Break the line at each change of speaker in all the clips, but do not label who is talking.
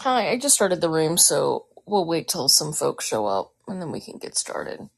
Hi, I just started the room, so we'll wait till some folks show up and then we can get started.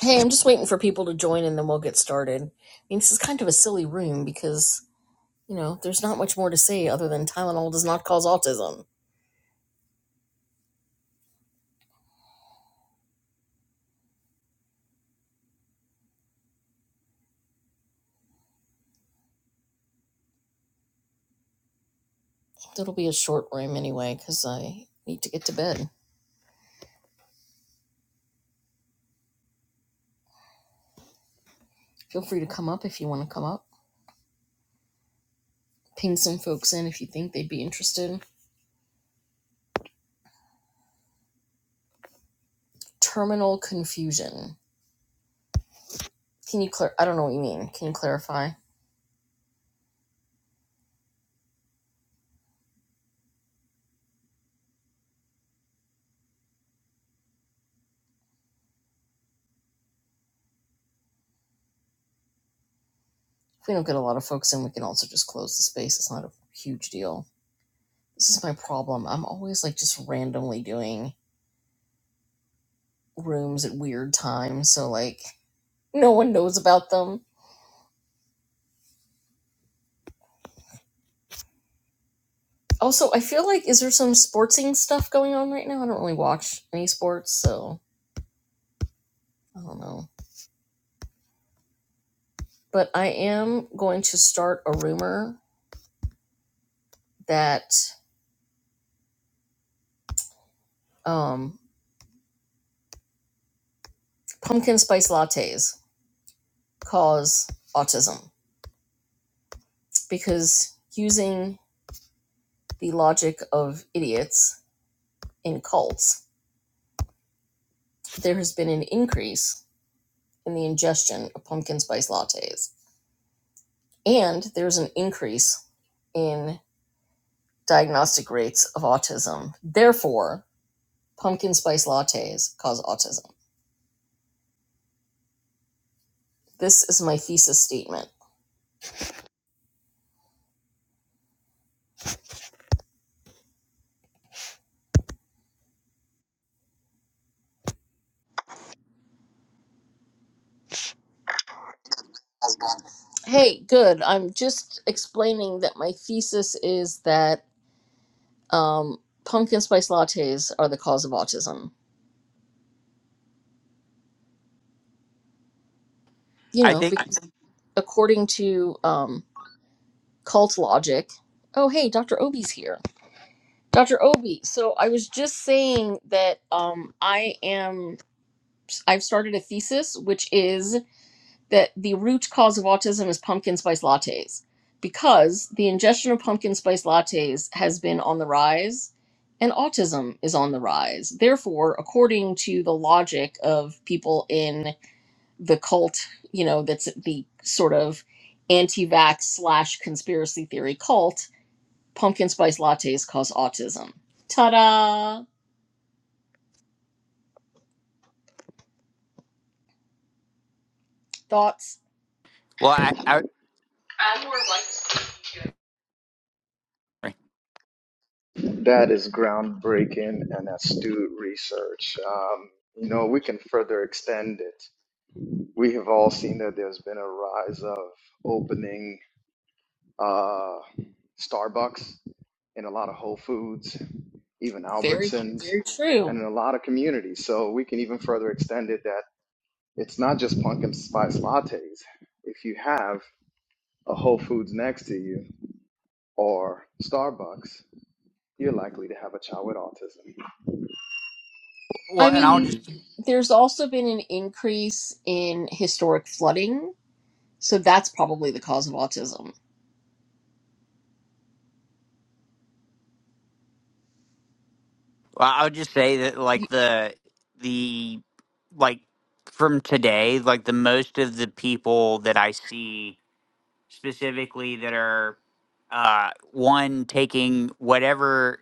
Hey, I'm just waiting for people to join and then we'll get started. I mean, this is kind of a silly room because, you know, there's not much more to say other than Tylenol does not cause autism. It'll be a short room anyway because I need to get to bed. Feel free to come up if you want to come up. Ping some folks in if you think they'd be interested. Terminal confusion. Can you clar- I don't know what you mean. Can you clarify? If we don't get a lot of folks in, we can also just close the space. It's not a huge deal. This is my problem. I'm always like just randomly doing rooms at weird times, so like no one knows about them. Also, I feel like is there some sportsing stuff going on right now? I don't really watch any sports, so I don't know. But I am going to start a rumor that um, pumpkin spice lattes cause autism because using the logic of idiots in cults, there has been an increase in the ingestion of pumpkin spice lattes. And there's an increase in diagnostic rates of autism. Therefore, pumpkin spice lattes cause autism. This is my thesis statement. Hey, good. I'm just explaining that my thesis is that um, pumpkin spice lattes are the cause of autism. You
I
know,
think.
because according to um, cult logic, oh, hey, Dr. Obi's here Dr. Obi, so I was just saying that um, I am, I've started a thesis, which is that the root cause of autism is pumpkin spice lattes, because the ingestion of pumpkin spice lattes has been on the rise and autism is on the rise. Therefore, according to the logic of people in the cult, you know, that's the sort of anti vax slash conspiracy theory cult, pumpkin spice lattes cause autism. Ta da! thoughts
Well, I, I
That is groundbreaking and astute research. Um, you know, we can further extend it. We have all seen that there's been a rise of opening uh, Starbucks in a lot of Whole Foods, even
very
Albertsons,
very true
and in a lot of communities. So we can even further extend it that it's not just pumpkin spice lattes. If you have a Whole Foods next to you or Starbucks, you're likely to have a child with autism.
well,
i
and I'll
mean
just
there's also been an increase in historic flooding so that's probably the cause of autism
well, I'll just say that
Y-
like the the like from today, like the most of the people that I see specifically that are uh, one taking whatever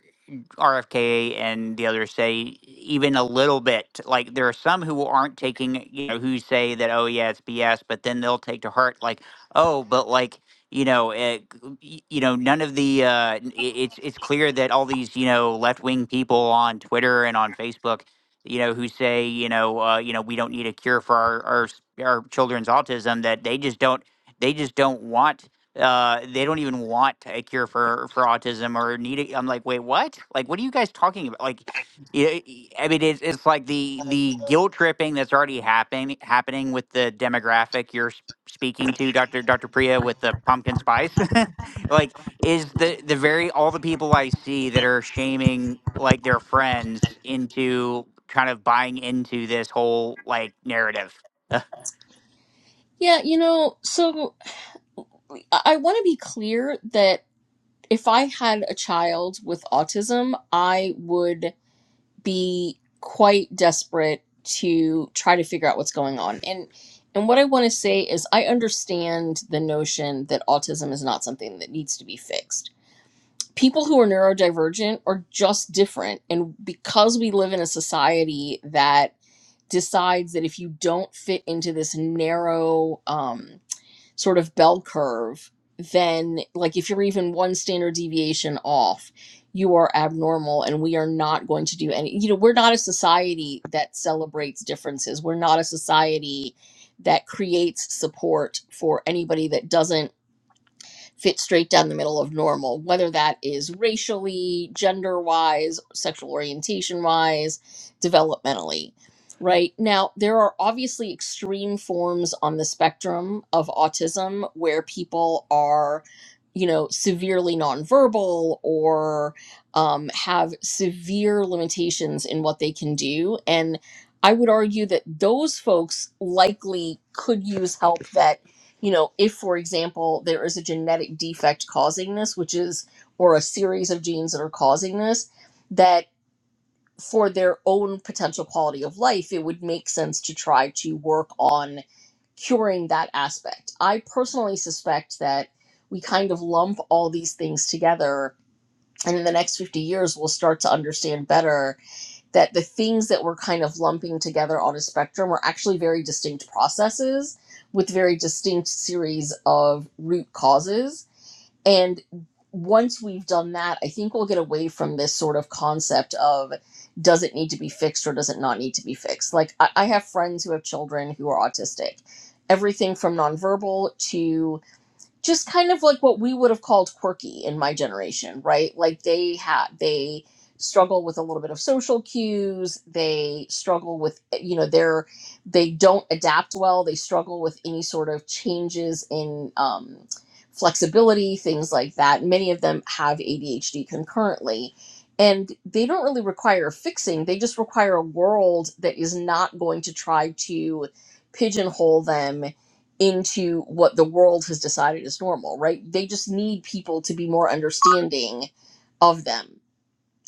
RFK and the others say even a little bit. Like there are some who aren't taking, you know, who say that oh yeah it's BS, but then they'll take to heart like oh but like you know it, y- you know none of the uh, n- i- it's it's clear that all these you know left wing people on Twitter and on Facebook you know who say you know uh, you know we don't need a cure for our our, s- our children's autism that they just don't they just don't want. Uh, they don't even want a cure for for autism or need it. I'm like, wait, what? Like, what are you guys talking about? Like, y- y- I mean, it's it's like the the guilt tripping that's already happening happening with the demographic you're s- speaking to, Doctor Doctor Priya, with the pumpkin spice. like, is the the very all the people I see that are shaming like their friends into kind of buying into this whole like narrative. Uh,
yeah you know so i, I want to be clear that if i had a child with autism i would be quite desperate to try to figure out what's going on and and what i want to say is i understand the notion that autism is not something that needs to be fixed people who are neurodivergent are just different. And because we live in a society that decides that if you don't fit into this narrow um, sort of bell curve, then like if you're even one standard deviation off, you are abnormal and we are not going to do any you know we're not a society that celebrates differences we're not a society that creates support for anybody that doesn't fit straight down the middle of normal, whether that is racially, gender wise, sexual orientation wise, developmentally. Right now, there are obviously extreme forms on the spectrum of autism where people are, you know, severely nonverbal or um, have severe limitations in what they can do. And I would argue that those folks likely could use help that you know, if, for example, there is a genetic defect causing this, which is, or a series of genes that are causing this, that for their own potential quality of life, it would make sense to try to work on curing that aspect. I personally suspect that we kind of lump all these things together, and in the next 50 years, we'll start to understand better that the things that we're kind of lumping together on a spectrum are actually very distinct processes with very distinct series of root causes. And once we've done that, I think we'll get away from this sort of concept of does it need to be fixed or does it not need to be fixed? Like, I, I have friends who have children who are autistic. Everything from nonverbal to just kind of like what we would have called quirky in my generation, right? Like they had they struggle with a little bit of social cues. They struggle with eh, you know they're they don't adapt well. They struggle with any sort of changes in um, flexibility, things like that. Many of them have ADHD concurrently. And they don't really require fixing. They just require a world that is not going to try to pigeonhole them into what the world has decided is normal, right? They just need people to be more understanding of them.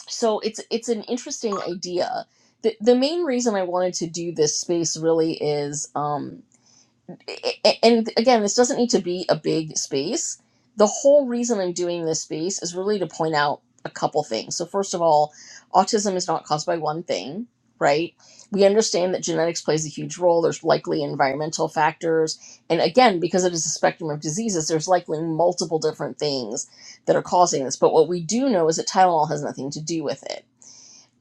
So it's it's an interesting idea. The, the main reason I wanted to do this space really is um, a- and again, this doesn't need to be a big space. The whole reason I'm doing this space is really to point out a couple things. So, first of all, autism is not caused by one thing, right? We understand that genetics plays a huge role. There's likely environmental factors. And again, because it is a spectrum of diseases, there's likely multiple different things that are causing this. But what we do know is that Tylenol has nothing to do with it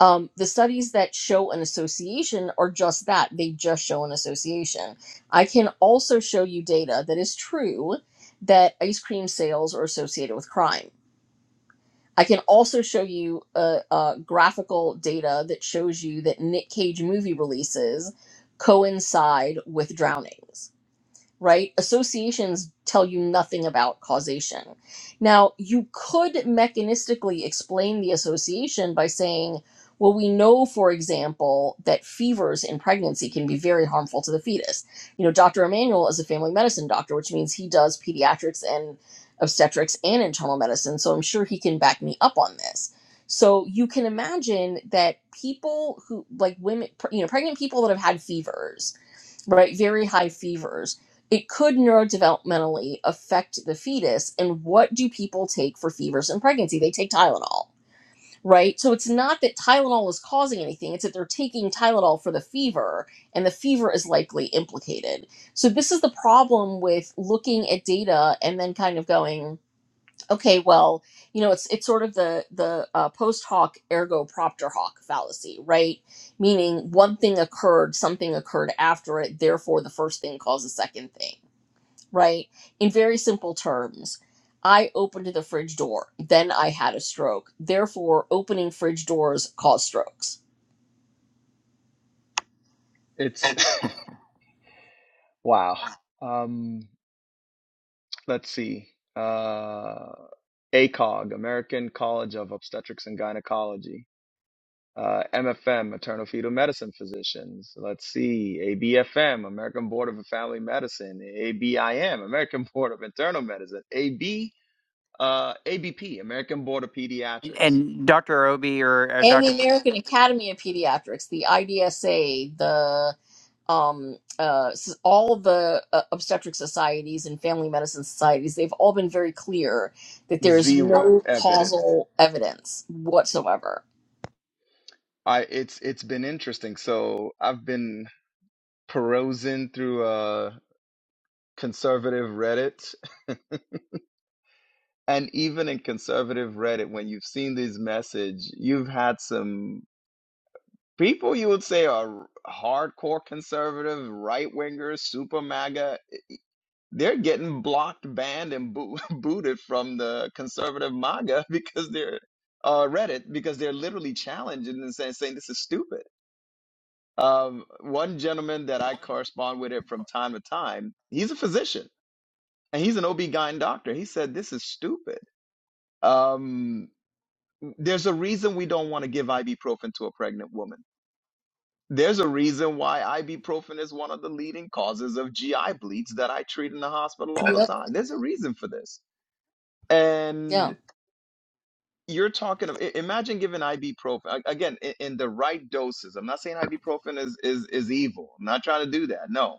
um, the studies that show an association are just that they just show an association i can also show you data that is true that ice cream sales are associated with crime i can also show you uh, uh, graphical data that shows you that nick cage movie releases coincide with drownings right? Associations tell you nothing about causation. Now, you could mechanistically explain the association by saying, well, we know, for example, that fevers in pregnancy can be very harmful to the fetus. You know, Dr. Emanuel is a family medicine doctor, which means he does pediatrics and obstetrics and internal medicine. So I'm sure he can back me up on this. So you can imagine that people who, like women, you know, pregnant people that have had fevers right? Very high fevers. It could neurodevelopmentally affect the fetus. And what do people take for fevers in pregnancy? They take Tylenol, right? So it's not that Tylenol is causing anything, it's that they're taking Tylenol for the fever, and the fever is likely implicated. So this is the problem with looking at data and then kind of going, okay well you know it's it's sort of the the uh, post hoc ergo propter hoc fallacy right meaning one thing occurred something occurred after it therefore the first thing caused the second thing right in very simple terms i opened the fridge door then i had a stroke therefore opening fridge doors cause strokes
It's wow. Um, let's see. Uh, ACOG, American College of Obstetrics and Gynecology. Uh, MFM, Maternal Fetal Medicine Physicians. Let's see. ABFM, American Board of Family Medicine. ABIM, American Board of Internal Medicine. AB, uh, ABP, American Board of
and
Pediatrics.
and Dr. Obi or uh,
and the
Dr.
american academy of pediatrics the idsa the um, uh, s- all the uh, obstetric societies and family medicine societies, they've all been very clear that there is
Zero
no
evidence.
causal evidence whatsoever.
I it's it's been interesting. So I've been perusing through uh conservative Reddit. And even in conservative Reddit, when you've seen these message, you've had some people you would say are hardcore conservative, right wingers, super MAGA. They're getting blocked, banned, and boo- booted from the conservative MAGA because they're uh, Reddit because they're literally challenging and saying, saying this is stupid. Um, one gentleman that I correspond with it from time to time, he's a physician and he's an OB-GYN doctor. He said, this is stupid. Um, there's a reason we don't want to give ibuprofen to a pregnant woman. There's a reason why ibuprofen is one of the leading causes of GI bleeds that I treat in the hospital all the
Yep.
time. There's a reason for this. And
Yeah.
you're talking of, i- imagine giving ibuprofen, a- again, in, in the right doses. I'm not saying ibuprofen is, is, is evil. I'm not trying to do that. No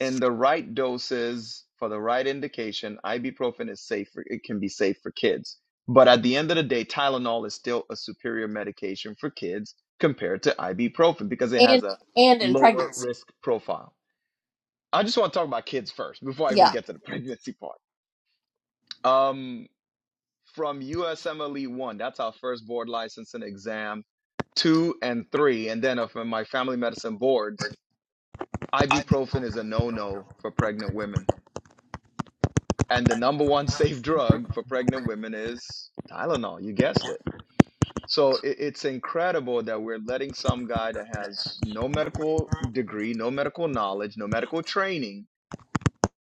in the right doses for the right indication, ibuprofen is safe. For, it can be safe for kids. But at the end of the day, Tylenol is still a superior medication for kids compared to ibuprofen because it has
And
a
and in
lower
pregnancy.
risk profile. I just want to talk about kids first before I even
Yeah.
get to the pregnancy part. Um, from USMLE 1, that's our first board license and exam, 2 and 3, and then uh, from my family medicine boards, ibuprofen is a no-no for pregnant women And the number one safe drug for pregnant women is Tylenol. You guessed it. So it, it's incredible that we're letting some guy that has no medical degree, no medical knowledge, no medical training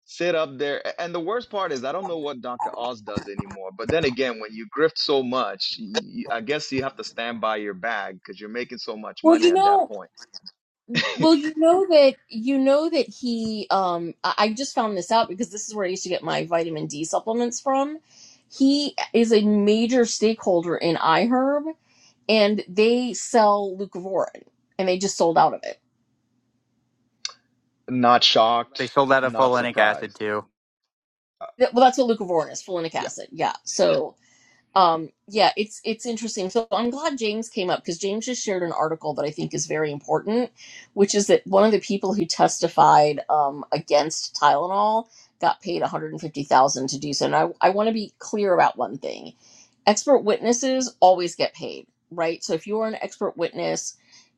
sit up there. A- And the worst part is, I don't know what Dr. Oz does anymore. But then again, when you grift so much, y y- I I guess you have to stand by your bag because you're making so much
Well,
money
you
at that
know,
point.
well, you know that you know that he. Um, I I just found this out because this is where I used to get my vitamin D supplements from. He is a major stakeholder in iHerb, and they sell leucovorin, and they just sold out of it.
not shocked,
They sold out of
not
folinic acid
surprised.
too.
Uh,
Th- well that's what leucovorin is folinic
Yeah.
acid yeah Yeah. so um yeah it's it's interesting so i'm glad james came up because james just shared an article that i think is very important which is that one of the people who testified um, against tylenol got paid 150000 to do so and i, I want to be clear about one thing expert witnesses always get paid, right? So if you're an expert witness,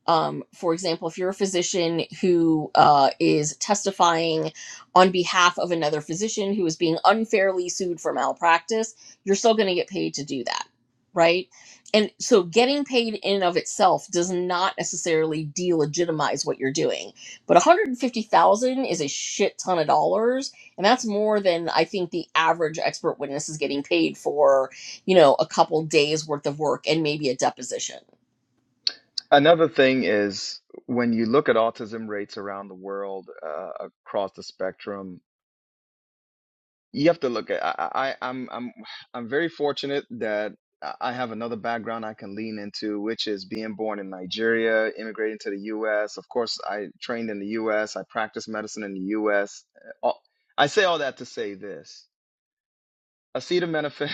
um, for example, if you're a physician who uh, is testifying on behalf of another physician who is being unfairly sued for malpractice, you're still going to get paid to do that, right? And so getting paid in and of itself does not necessarily delegitimize what you're doing. But 150,000 is a shit ton of dollars, and that's more than I think the average expert witness is getting paid for you know, a couple days worth of work and maybe a deposition.
Another thing is when you look at autism rates around the world, uh, across the spectrum, you have to look at. I, I, I'm I'm I'm very fortunate that I I have another background I can lean into, which is being born in Nigeria, immigrating to the U.S. Of course, I trained in the U.S. I practiced medicine in the U.S. All- I say all that to say this: acetaminophen,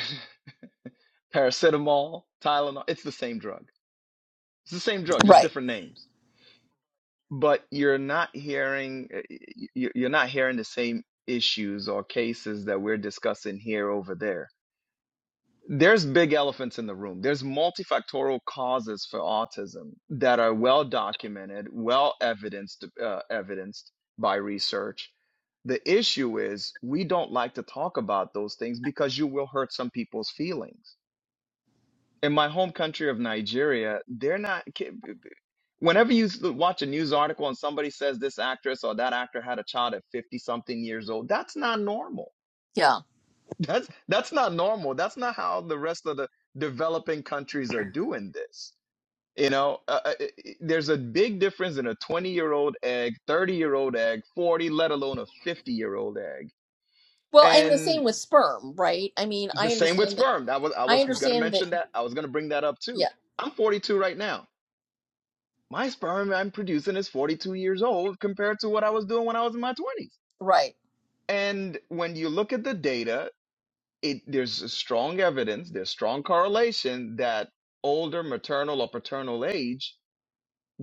paracetamol, Tylenol. It's the same drug. It's the same drug, just
Right.
different names but you're not hearing uh, you're not hearing the same issues or cases that we're discussing here over there there's big elephants in the room there's multifactorial causes for autism that are well documented well evidenced uh, evidenced by research the issue is we don't like to talk about those things because you will hurt some people's feelings in my home country of Nigeria, they're not. ki- whenever you s- watch a news article and somebody says this actress or that actor had a child at 50 something years old that's not normal
Yeah.
that's that's not normal that's not how the rest of the developing countries are doing this you know uh, uh, it- it- there's a big difference in a 20 year old egg 30 year old egg 40 let alone a 50 year old egg
Well, and the
and
same with sperm, right? I mean,
the
I
same with
understand that.
sperm that was i
I
was going to
understand that.
mention that i was going to bring that up too
Yeah.
i'm 42 right now my sperm I'm producing is 42 years old compared to what I was doing when I was in my 20s.
Right.
And when you look at the data, it, there's strong evidence, there's strong correlation that older maternal or paternal age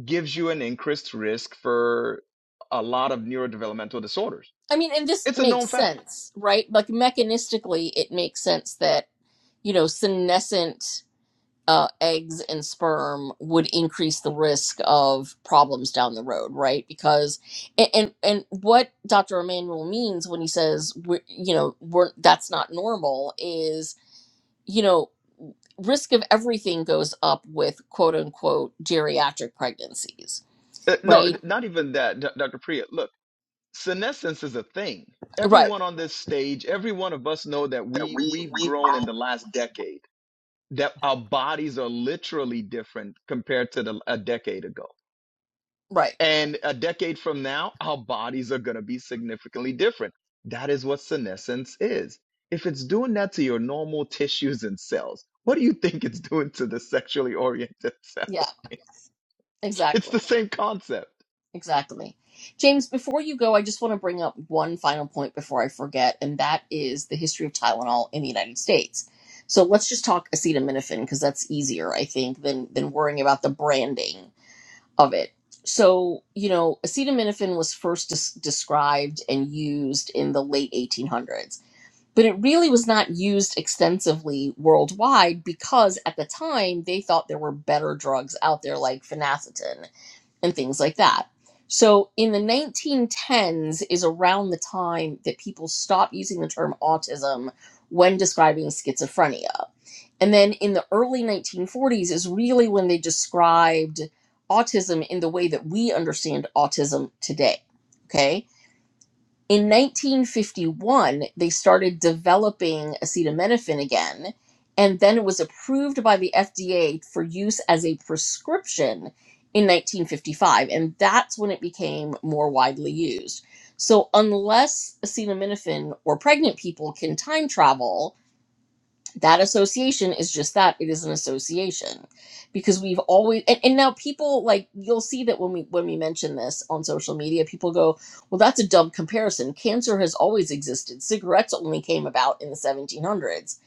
gives you an increased risk for a lot of neurodevelopmental disorders.
I mean, and this
It's a known
makes
fact.
sense, right? Like mechanistically, it makes sense that you know senescent. uh, eggs and sperm would increase the risk of problems down the road, right? Because and and, and what Dr. Emmanuel means when he says we you know we're that's not normal is you know risk of everything goes up with quote unquote geriatric pregnancies,
Uh, no,
right?
not even that, D- Dr. Priya. Look, senescence is a thing.
Right,
Everyone on this stage, every one of us know that we we've grown in the last decade that our bodies are literally different compared to the, a decade ago.
right,
And a decade from now, our bodies are going to be significantly different. That is what senescence is. If it's doing that to your normal tissues and cells, what do you think it's doing to the sexually oriented cell
yeah,
lines? It's
exactly.
the same concept.
Exactly. James, before you go, I just want to bring up one final point before I forget, and that is the history of Tylenol in the United States. So let's just talk acetaminophen because that's easier, I think, than than worrying about the branding of it. So, you know, acetaminophen was first des- described and used in the late 1800s, but it really was not used extensively worldwide because at the time they thought there were better drugs out there like phenacetin and things like that. So in the 1910s is around the time that people stopped using the term autism when describing schizophrenia. And then in the early 1940s is really when they described autism in the way that we understand autism today. Okay in 1951, they started developing acetaminophen again, and then it was approved by the FDA for use as a prescription in 1955, and that's when it became more widely used. So, unless acetaminophen or pregnant people can time travel, that association is just that it is an association because we've always and, and now people like you'll see that when we when we mention this on social media people go well that's a dumb comparison cancer has always existed cigarettes only came about in the 1700s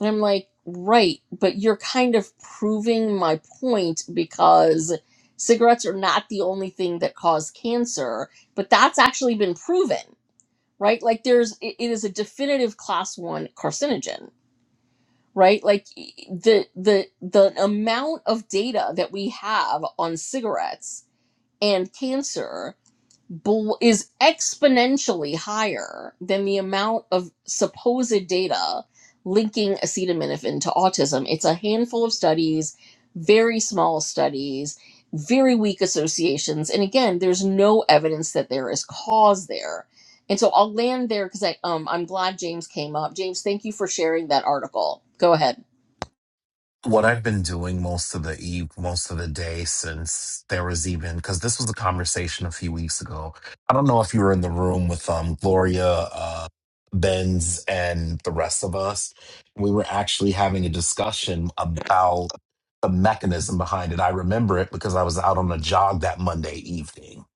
and i'm like right but you're kind of proving my point because cigarettes are not the only thing that cause cancer but that's actually been proven right like there's it it is a definitive class 1 carcinogen right like the the the amount of data that we have on cigarettes and cancer bl- is exponentially higher than the amount of supposed data linking acetaminophen to autism it's a handful of studies very small studies very weak associations and again there's no evidence that there is cause there and so i'll land there because i um i'm glad james came up james thank you for sharing that article go ahead
what I've been doing most of the eve, most of the day since there was even because this was a conversation a few weeks ago. I don't know if you were in the room with um Gloria, uh, Benz, and the rest of us. We were actually having a discussion about the mechanism behind it. I remember it because I was out on a jog that Monday evening.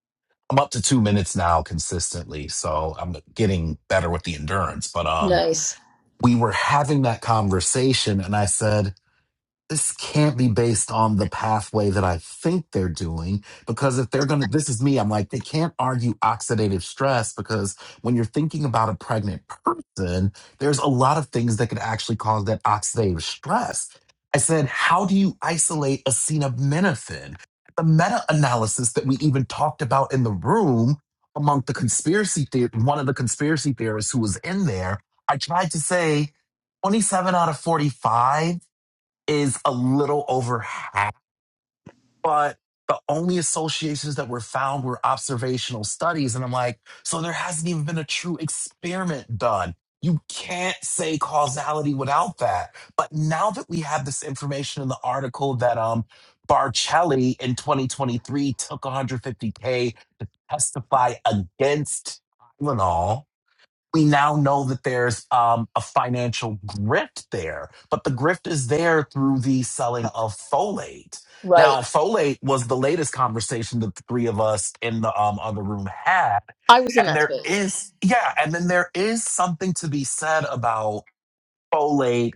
I'm up to two minutes now consistently, so I'm getting better with the endurance. But um,
Nice.
we were having that conversation, and I said this can't be based on the pathway that I think they're doing. Because if they're going to, this is me, I'm like, they can't argue oxidative stress because when you're thinking about a pregnant person, there's a lot of things that could actually cause that oxidative stress. I said, how do you isolate acetaminophen? The meta analysis that we even talked about in the room among the conspiracy theory, one of the conspiracy theorists who was in there, I tried to say 27 out of 45 is a little over half, but the only associations that were found were observational studies. And I'm like, so there hasn't even been a true experiment done. You can't say causality without that. But now that we have this information in the article that um Barcelli in 2023 took 150K to testify against Tylenol, we now know that there's um, a financial grift there, but the grift is there through the selling of folate.
Right.
Now, folate was the latest conversation that the three of us in the um, other room had.
I was in
And
that
there
space.
is, yeah, and then there is something to be said about folate.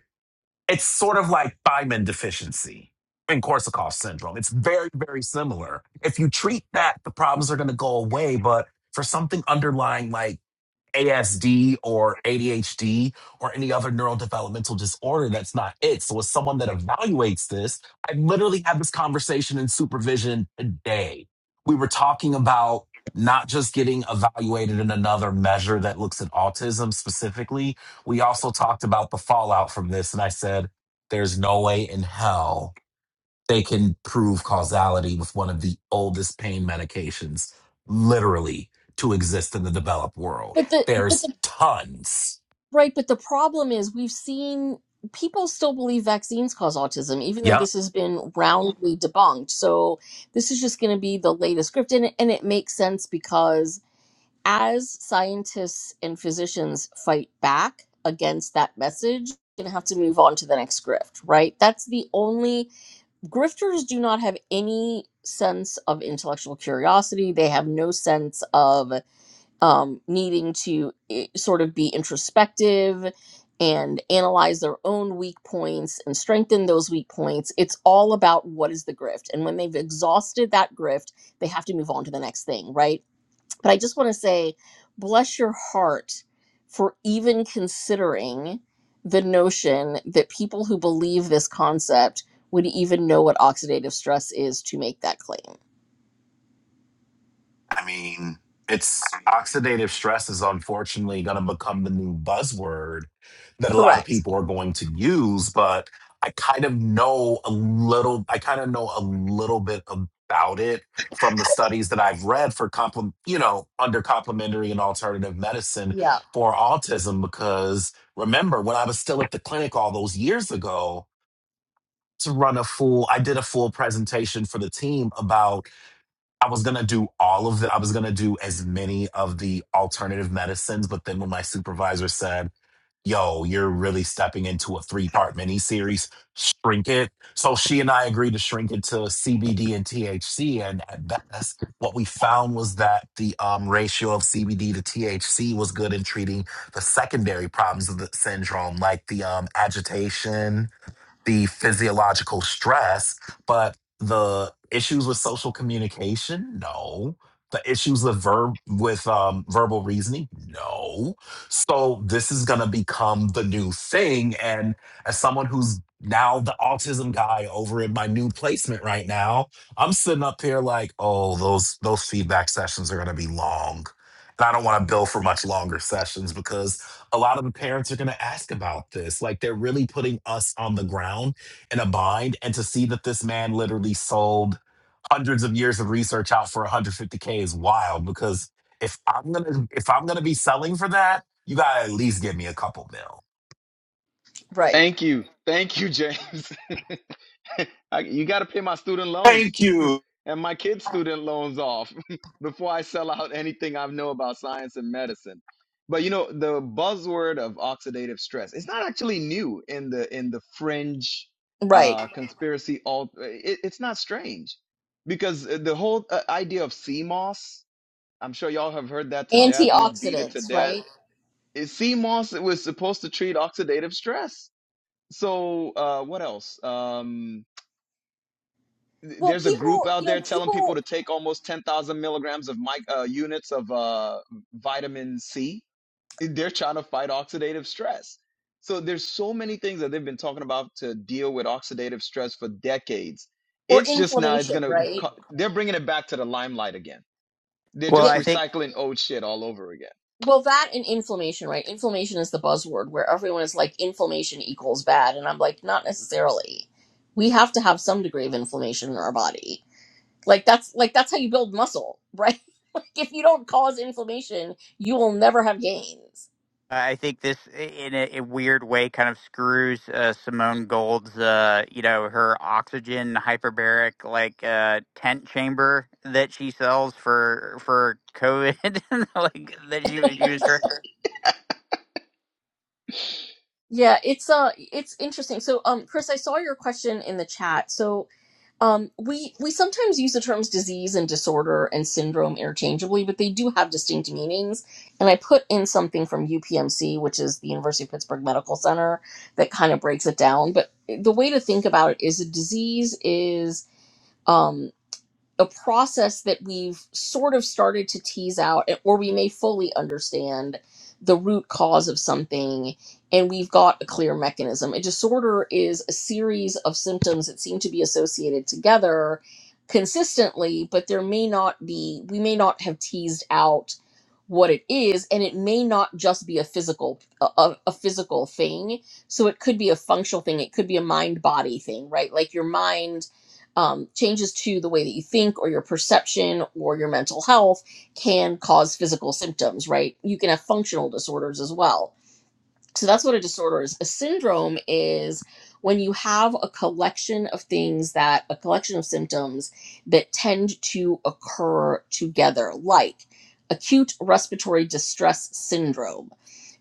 It's sort of like thiamine deficiency in Korsakoff syndrome. It's very, very similar. If you treat that, the problems are going to go away. But for something underlying like ASD or ADHD or any other neurodevelopmental disorder that's not it. So, as someone that evaluates this, I literally had this conversation in supervision today. We were talking about not just getting evaluated in another measure that looks at autism specifically. We also talked about the fallout from this. And I said, there's no way in hell they can prove causality with one of the oldest pain medications literally to exist in the developed world.
But the but
There's
the
tons.
right, but the problem is we've seen people still believe vaccines cause autism, even though
Yep.
this has been roundly debunked. So this is just gonna be the latest script and it, and it makes sense because as scientists and physicians fight back against that message, we're gonna have to move on to the next grift, right? That's the only grifters do not have any sense of intellectual curiosity. They have no sense of um, needing to eh, sort of be introspective and analyze their own weak points and strengthen those weak points. It's all about what is the grift. And when they've exhausted that grift, they have to move on to the next thing, right? But I just want to say, bless your heart for even considering the notion that people who believe this concept would even know what oxidative stress is to make that claim.
I mean, it's oxidative stress is unfortunately going to become the new buzzword that a lot of
Correct.
people are going to use, but I kind of know a little, I kind of know a little bit about it from the studies that I've read for complement, you know, under complementary and alternative medicine
Yeah.
for autism. Because remember, when I was still at the clinic all those years ago, to run a full, I did a full presentation for the team about I was gonna do all of the I was gonna do as many of the alternative medicines, but then when my supervisor said, Yo, you're really stepping into a three part mini series, shrink it. So she and I agreed to shrink it to CBD and THC. And at best, what we found was that the um, ratio of CBD to THC was good in treating the secondary problems of the syndrome, like the um, agitation the physiological stress, but the issues with social communication, no. The issues with verb with um, verbal reasoning, no. So this is gonna become the new thing. And as someone who's now the autism guy over in my new placement right now, I'm sitting up here like, oh, those those feedback sessions are gonna be long. And I don't want to bill for much longer sessions because a lot of the parents are going to ask about this. Like they're really putting us on the ground in a bind. And to see that this man literally sold hundreds of years of research out for 150k is wild. Because if I'm gonna if I'm gonna be selling for that, you gotta at least give me a couple mil.
Right.
Thank you. Thank you, James. I, you got to pay my student loans
Thank you.
and my kids' student loans off before I sell out anything I know about science and medicine. But you know, the buzzword of oxidative stress its not actually new in the in the fringe
Right.
uh, conspiracy. All it, it's not strange because uh, the whole uh, idea of CMOS. I'm sure y'all have heard that to death. We've beat it to
antioxidants,
death.
right?
It, CMOS was supposed to treat oxidative stress. So uh, what else? Um,
Well,
there's a group
people,
out
you know,
there telling people
people
to take almost 10,000 milligrams of mic uh, units of uh, vitamin C. They're trying to fight oxidative stress. So there's so many things that they've been talking about to deal with oxidative stress for decades.
or
It's just now it's
inflammation,
gonna
right?
co- they're bringing it back to the limelight again. They're
Well,
Yeah,
just
I think
recycling old shit all over again.
well, that and inflammation, right? Inflammation is the buzzword where everyone is like inflammation equals bad, and I'm like, not necessarily. We have to have some degree of inflammation in our body. Like that's like that's how you build muscle, right? Like, if you don't cause inflammation, you will never have gains.
I think this, in a, a weird way, kind of screws uh, Simone Gold's, uh, you know, her oxygen hyperbaric like uh, tent chamber that she sells for for COVID. like that she was used.
Yeah, it's uh it's interesting. So um Chris, I saw your question in the chat. so. Um, we we sometimes use the terms disease and disorder and syndrome interchangeably, but they do have distinct meanings. And I put in something from UPMC, which is the University of Pittsburgh Medical Center, that kind of breaks it down. But the way to think about it is a disease is um, a process that we've sort of started to tease out, or we may fully understand the root cause of something, and we've got a clear mechanism. A disorder is a series of symptoms that seem to be associated together consistently, but there may not be, we may not have teased out what it is and it may not just be a physical a, a a physical thing so it could be a functional thing it could be a mind body thing right like your mind um, changes to the way that you think or your perception or your mental health can cause physical symptoms, right? You can have functional disorders as well. So that's what a disorder is. A syndrome is when you have a collection of things that, a collection of symptoms that tend to occur together, like acute respiratory distress syndrome,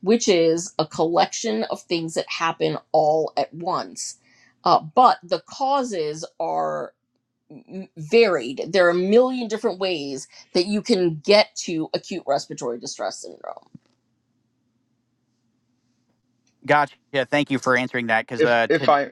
which is a collection of things that happen all at once. Uh, but the causes are varied. There are a million different ways that you can get to acute respiratory distress syndrome.
Gotcha. Yeah, Thank you for answering that because
If
uh,
if
to.
I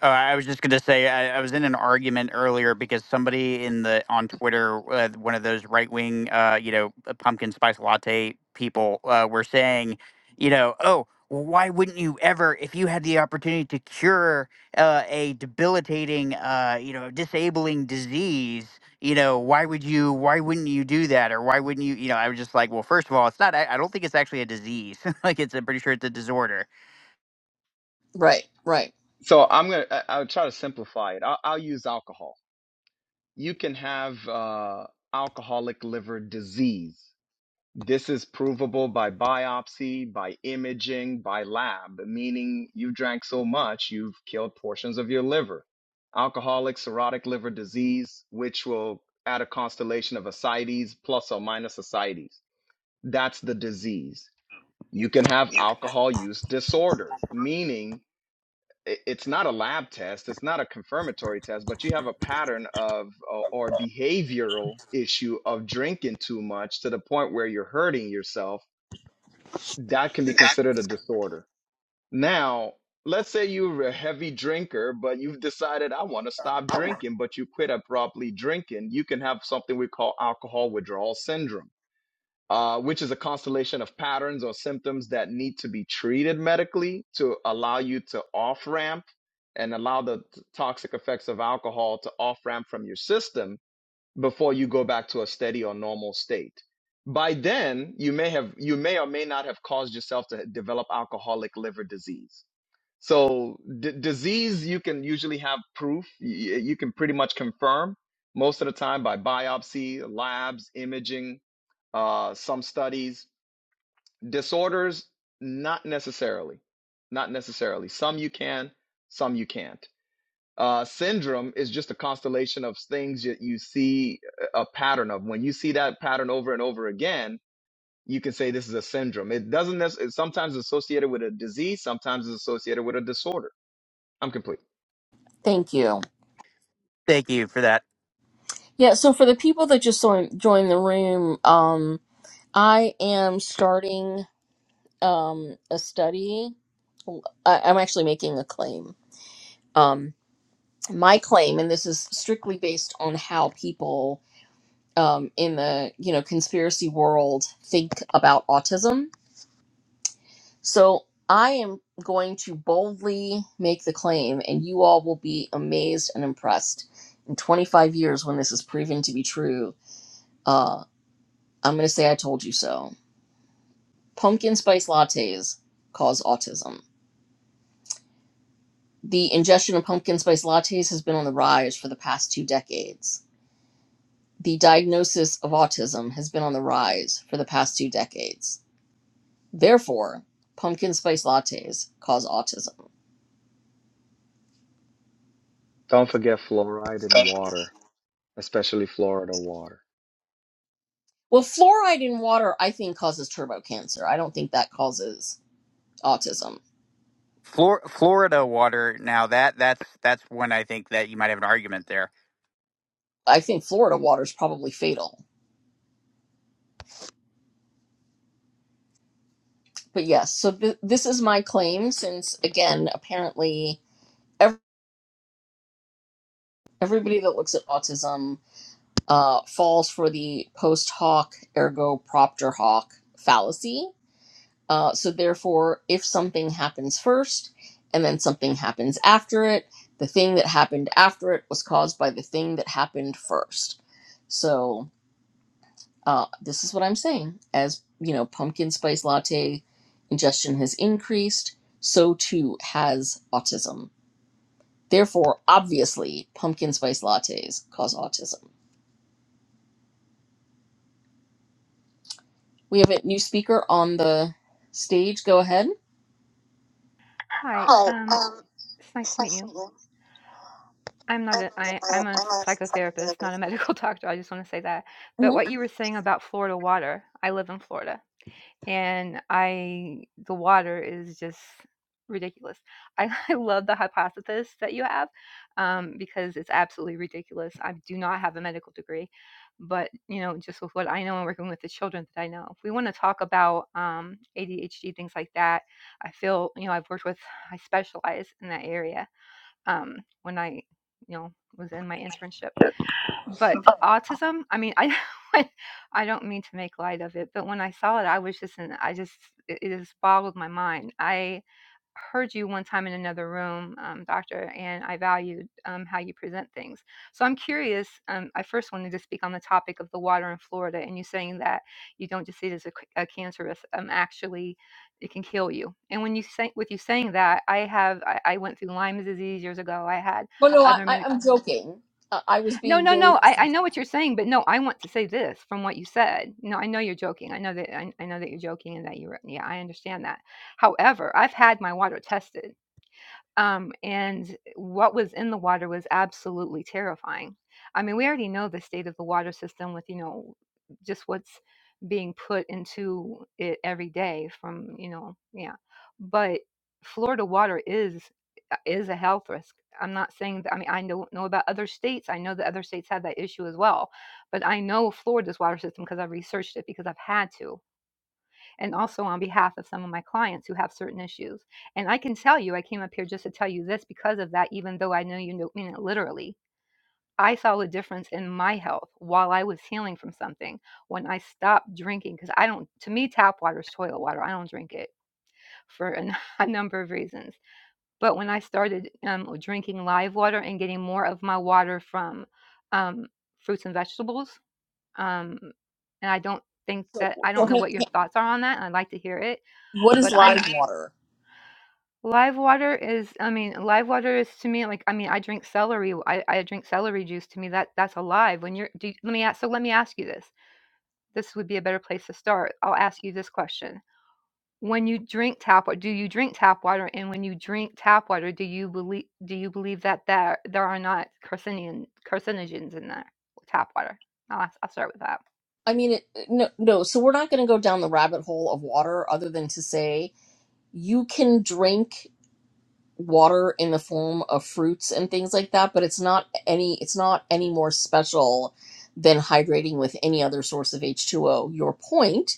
Oh, I was just gonna say I, I was in an argument earlier because somebody in the on Twitter, uh, one of those right wing, uh, you know, uh, pumpkin spice latte people, uh, were saying, you know, oh, well, why wouldn't you ever, if you had the opportunity to cure uh, a debilitating, uh, you know, disabling disease, you know, why would you, why wouldn't you do that, or why wouldn't you, you know? I was just like, well, first of all, it's not. I, I don't think it's actually a disease. like, it's. I'm pretty sure it's a disorder.
Right, right.
So I'm gonna I- I'll try to simplify it. I'll, I'll use alcohol. You can have uh, alcoholic liver disease. This is provable by biopsy, by imaging, by lab, meaning you drank so much you've killed portions of your liver. Alcoholic cirrhotic liver disease, which will add a constellation of ascites plus or minus ascites. That's the disease. You can have alcohol use disorder, meaning it- it's not a lab test it's not a confirmatory test but you have a pattern of or or behavioral issue of drinking too much to the point where you're hurting yourself that can be considered a disorder now let's say you're a heavy drinker but you've decided i want to stop drinking but you quit abruptly drinking you can have something we call alcohol withdrawal syndrome uh, which is a constellation of patterns or symptoms that need to be treated medically to allow you to off ramp and allow the toxic effects of alcohol to off ramp from your system before you go back to a steady or normal state. By then, you may have, you may or may not have caused yourself to develop alcoholic liver disease. So d- disease, you can usually have proof. Y- you can pretty much confirm most of the time by biopsy, labs, imaging, uh, some studies. Disorders, not necessarily. Not necessarily. Some you can, some you can't. Uh, syndrome is just a constellation of things that you see a pattern of. When you see that pattern over and over again, you can say this is a syndrome. It doesn't necessarily, sometimes it's associated with a disease, sometimes it's associated with a disorder. I'm complete.
Thank you.
Thank you for that.
Yeah, so for the people that just joined, joined the room, um, I am starting um, a study. I, I'm actually making a claim. Um, my claim, and this is strictly based on how people um, in the you know conspiracy world think about autism So I am going to boldly make the claim, and you all will be amazed and impressed. In 25 years, when this is proven to be true, uh, I'm going to say I told you so. Pumpkin spice lattes cause autism. The ingestion of pumpkin spice lattes has been on the rise for the past two decades. The diagnosis of autism has been on the rise for the past two decades. Therefore, pumpkin spice lattes cause autism.
Don't forget fluoride in water, especially Florida water.
Well, fluoride in water, I think, causes turbo cancer. I don't think that causes autism.
Flor- Florida water. Now that that's that's when I think that you might have an argument there.
I think Florida water is probably fatal. But yes, so th- this is my claim since, again, apparently ev- everybody that looks at autism uh, falls for the post hoc ergo propter hoc fallacy. Uh, so therefore, if something happens first and then something happens after it, the thing that happened after it was caused by the thing that happened first. So Uh, this is what I'm saying. As you know, pumpkin spice latte ingestion has increased, so too has autism. Therefore, obviously, pumpkin spice lattes cause autism. We have a new speaker on the stage. Go ahead.
Hi, um, it's nice to meet you. I'm not a, I, I'm a psychotherapist, not a medical doctor. I just want to say that. But
hmm
what you were saying about Florida water, I live in Florida, and I the water is just ridiculous. I, I love the hypothesis that you have um, because it's absolutely ridiculous. I do not have a medical degree, but you know, just with what I know and working with the children that I know, if we want to talk about um, ADHD things like that, I feel you know I've worked with, I specialize in that area um, when I, you know, was in my internship. But autism, I mean, I, I don't mean to make light of it, but when I saw it, I was just, in, I just, it it just boggled my mind. I heard you one time in another room, um, doctor, and I valued um, how you present things. So I'm curious. Um, I first wanted to speak on the topic of the water in Florida, and you saying that you don't just see it as a, c- a cancerous. Um, actually, it can kill you. And when you say with you saying that, I have I, I went through Lyme disease years ago. I had
Well, no, I,
other
I,
medic.
I'm joking. Uh, I was
No,
being
no,
very.
no. I, I know what you're saying, but no, I want to say this from what you said. No, I know you're joking. I know that I, I know that you're joking and that you're yeah. I understand that. However, I've had my water tested um, and what was in the water was absolutely terrifying. I mean, we already know the state of the water system with, you know, just what's being put into it every day from, you know, yeah. But Florida water is uh, is a health risk. I'm not saying that I mean I know know about other states. I know that other states have that issue as well. But I know Florida's water system because I've researched it because I've had to and also on behalf of some of my clients who have certain issues. And I can tell you, I came up here just to tell you this because of that, even though I know you don't mean it literally. I saw the difference in my health while I was healing from something when I stopped drinking. Because I don't, to me, tap water is toilet water. I don't drink it for a, n- a number of reasons. But when I started um, drinking live water and getting more of my water from um, fruits and vegetables, um, and I don't think
So,
that I
so
don't know
hang-
what your
hang-
thoughts are on that. And I'd like to hear it
what is
but I'm
live water?
Live water is I mean, live water is to me like I mean, I drink celery. I, I drink celery juice. To me, that that's alive. When you're, do let me ask. So let me ask you this. This would be a better place to start. I'll ask you this question: When you drink tap water, do you drink tap water? And when you drink tap water, do you believe do you believe that there there are not carcinogen carcinogens in that tap water? I'll, ask- I'll start with that.
I mean, it, no, no. So we're not going to go down the rabbit hole of water, other than to say you can drink. water in the form of fruits and things like that but it's not any it's not any more special than hydrating with any other source of h2o your point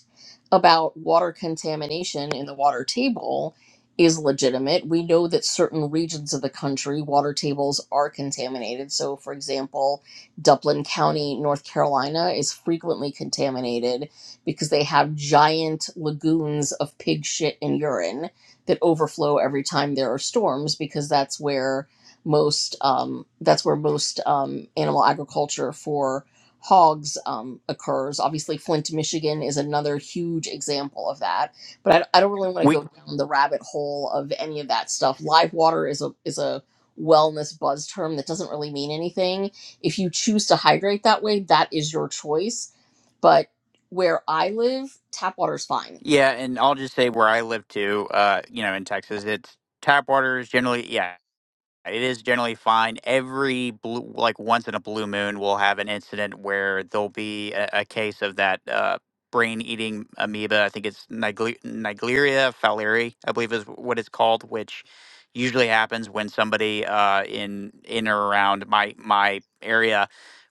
about water contamination in the water table is legitimate we know that certain regions of the country water tables are contaminated so for example Duplin county north carolina is frequently contaminated because they have giant lagoons of pig shit and urine that overflow every time there are storms because that's where most um, that's where most um, animal agriculture for hogs um, occurs. Obviously, Flint, Michigan is another huge example of that. But I, I don't really want to
We
go down the rabbit hole of any of that stuff. Live water is a is a wellness buzz term that doesn't really mean anything. If you choose to hydrate that way, that is your choice. But where I live, tap water is fine
yeah, and I'll just say where I live too. Uh, you know, in Texas, it's tap water is generally yeah It is generally fine. Every blue, like once in a blue moon, we'll have an incident where there'll be a, a case of that uh, brain-eating amoeba. I think it's Nigle- Nigleria fowleri, I believe is what it's called, which usually happens when somebody uh, in in or around my my area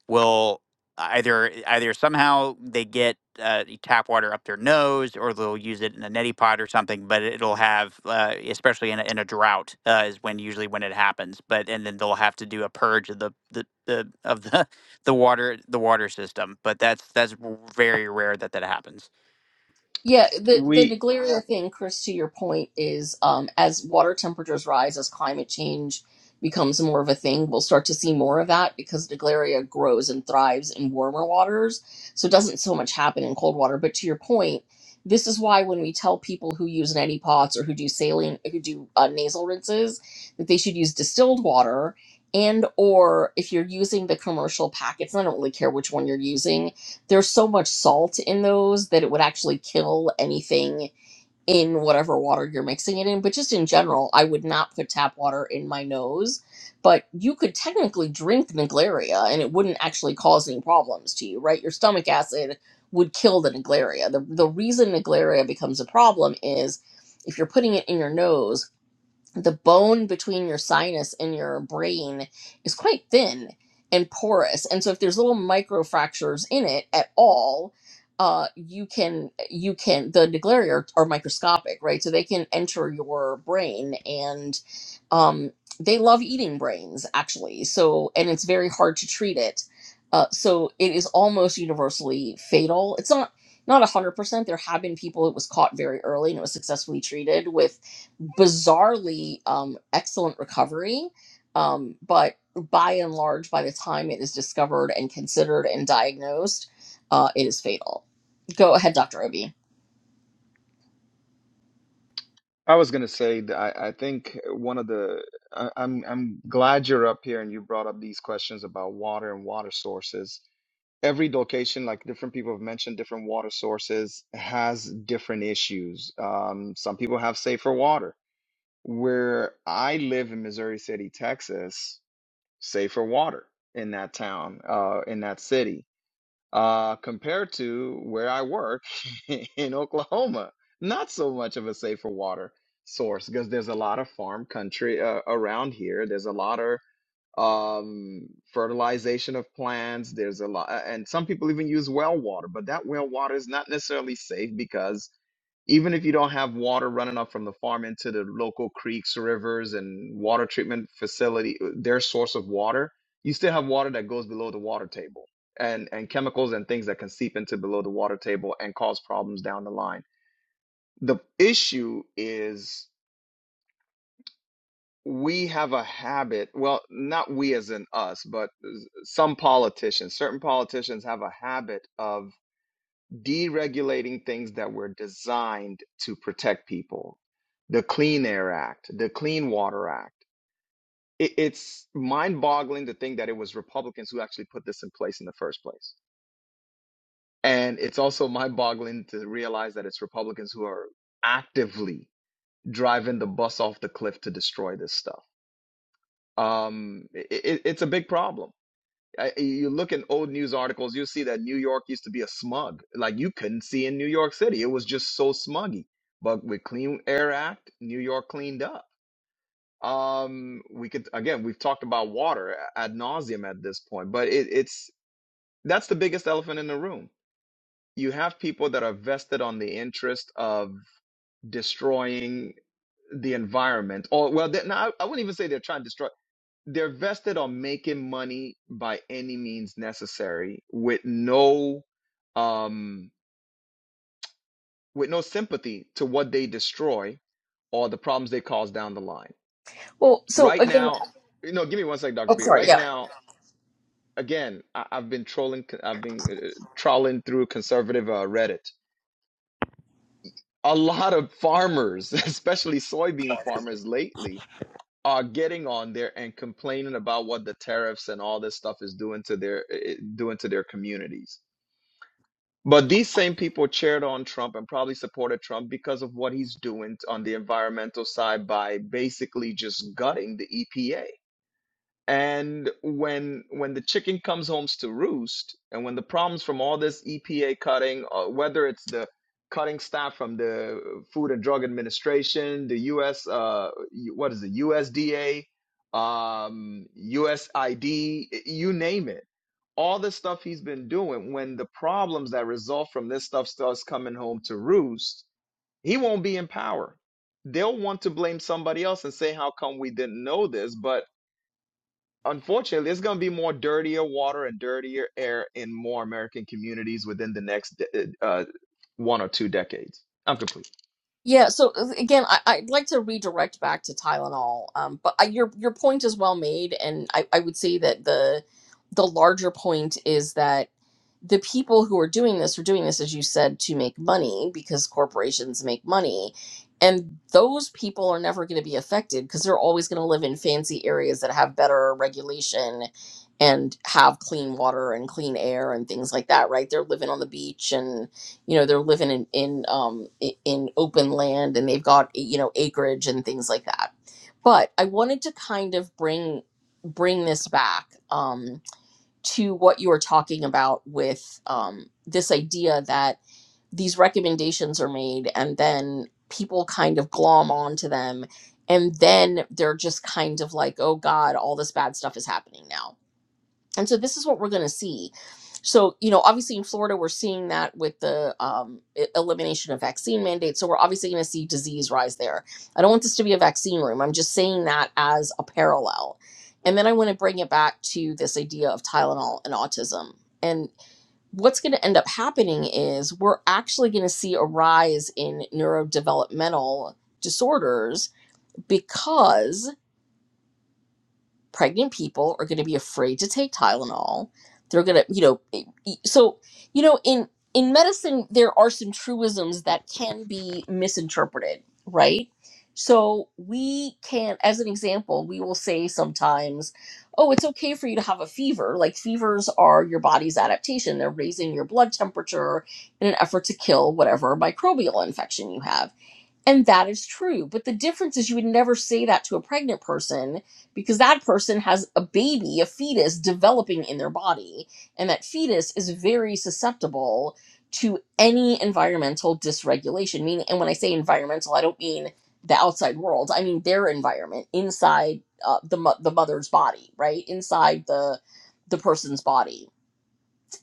will either either somehow they get uh, tap water up their nose or they'll use it in a neti pot or something but it'll have uh, especially in a, in a drought uh, is when usually when it happens but and then they'll have to do a purge of the the, the of the the water the water system but that's that's very rare that that happens
Yeah, the the
We,
Naglaria thing, Chris, to your point is um, as water temperatures rise, as climate change becomes more of a thing, we'll start to see more of that because Naglaria grows and thrives in warmer waters. So it doesn't so much happen in cold water. But to your point, this is why when we tell people who use neti pots or who do saline, who do uh, nasal rinses, that they should use distilled water and or if you're using the commercial packets, and I don't really care which one you're using there's so much salt in those that it would actually kill anything in whatever water you're mixing it in. But just in general, I would not put tap water in my nose. But you could technically drink Naglaria and it wouldn't actually cause any problems to you, right? Your stomach acid would kill the Naglaria. The, the reason Naglaria becomes a problem is if you're putting it in your nose, the bone between your sinus and your brain is quite thin and porous and so if there's little microfractures in it at all uh, you can you can the nuclearii are, are microscopic right so they can enter your brain and um, they love eating brains actually so and it's very hard to treat it uh, so it is almost universally fatal it's not not 100% there have been people it was caught very early and it was successfully treated with bizarrely um, excellent recovery. Um, but by and large, by the time it is discovered and considered and diagnosed, uh, it is fatal. Go ahead, Dr. Obi.
I was gonna say that I, I think one of the I, I'm I'm glad you're up here and you brought up these questions about water and water sources. Every location, like different people have mentioned, different water sources has different issues. Um, some people have safer water. Where I live in Missouri City, Texas, safer water in that town, uh, in that city uh, compared to where I work in Oklahoma. Not so much of a safer water source because there's a lot of farm country uh, around here. There's a lot of um, fertilization of plants. There's a lot, and some people even use well water, but that well water is not necessarily safe because even if you don't have water running up from the farm into the local creeks, rivers, and water treatment facility, uh, their source of water, you still have water that goes below the water table and, and chemicals and things that can seep into below the water table and cause problems down the line. The issue is we have a habit, well, not we as in us, but some politicians, certain politicians have a habit of deregulating things that were designed to protect people. The Clean Air Act, the Clean Water Act. It, it's mind boggling to think that it was Republicans who actually put this in place in the first place And it's also mind boggling to realize that it's Republicans who are actively driving the bus off the cliff to destroy this stuff. Um, it, it's a big problem. I, you look in old news articles, you see that New York used to be a smug. Like you couldn't see in New York City. It was just so smuggy. But with Clean Air Act, New York cleaned up. Um, we could, again, we've talked about water ad nauseum at this point, but it, it's, that's the biggest elephant in the room you have people that are vested on the interest of destroying the environment or well they, no, I, I wouldn't even say they're trying to destroy they're vested on making money by any means necessary with no um with no sympathy to what they destroy or the problems they cause down the line
Well, so
right
again,
now you know give me one second dr
oh,
peter
sorry.
right
Yeah.
now again I, i've been trolling i've been uh, trawling through conservative uh, reddit a lot of farmers, especially soybean farmers lately, are getting on there and complaining about what the tariffs and all this stuff is doing to their eh, eh, doing to their communities. But these same people cheered on Trump and probably supported Trump because of what he's doing on the environmental side by basically just gutting the EPA. And when when the chicken comes home to roost, and when the problems from all this EPA cutting, uh, whether it's the cutting staff from the Food and Drug Administration, the U.S. Uh, U- what is it, USDA, um, USID, you name it, all the stuff he's been doing. When the problems that result from this stuff starts coming home to roost, he won't be in power. They'll want to blame somebody else and say, "How come we didn't know this?" But unfortunately, there's going to be more dirtier water and dirtier air in more American communities within the next de- uh, one or two decades. I'm complete.
Yeah, so uh, again, I, I'd like to redirect back to Tylenol, um, but I, your your point is well made, and I, I would say that the the larger point is that the people who are doing this are doing this as you said to make money because corporations make money and those people are never going to be affected because they're always going to live in fancy areas that have better regulation and have clean water and clean air and things like that right they're living on the beach and you know they're living in in um i- in open land and they've got you know acreage and things like that but i wanted to kind of bring bring this back Um to what you were talking about with um, this idea that these recommendations are made and then people kind of glom onto them and then they're just kind of like oh god all this bad stuff is happening now and so this is what we're going to see. So, you know, obviously in Florida, we're seeing that with the um, e- elimination of vaccine mandates. So, we're obviously going to see disease rise there. I don't want this to be a vaccine room. I'm just saying that as a parallel. And then I want to bring it back to this idea of Tylenol and autism. And what's going to end up happening is we're actually going to see a rise in neurodevelopmental disorders because pregnant people are going to be afraid to take Tylenol. They're going to, you know, e- e- so you know, in in medicine, there are some truisms that can be misinterpreted, right? So we can, as an example, we will say sometimes, "Oh, it's okay for you to have a fever." Like fevers are your body's adaptation; they're raising your blood temperature in an effort to kill whatever microbial infection you have and that is true. But the difference is you would never say that to a pregnant person because that person has a baby, a fetus developing in their body. And that fetus is very susceptible to any environmental dysregulation. Meaning, and when I say environmental, I don't mean the outside world, I mean their environment inside uh, the, mo- the mother's body, right? Inside the, the person's body.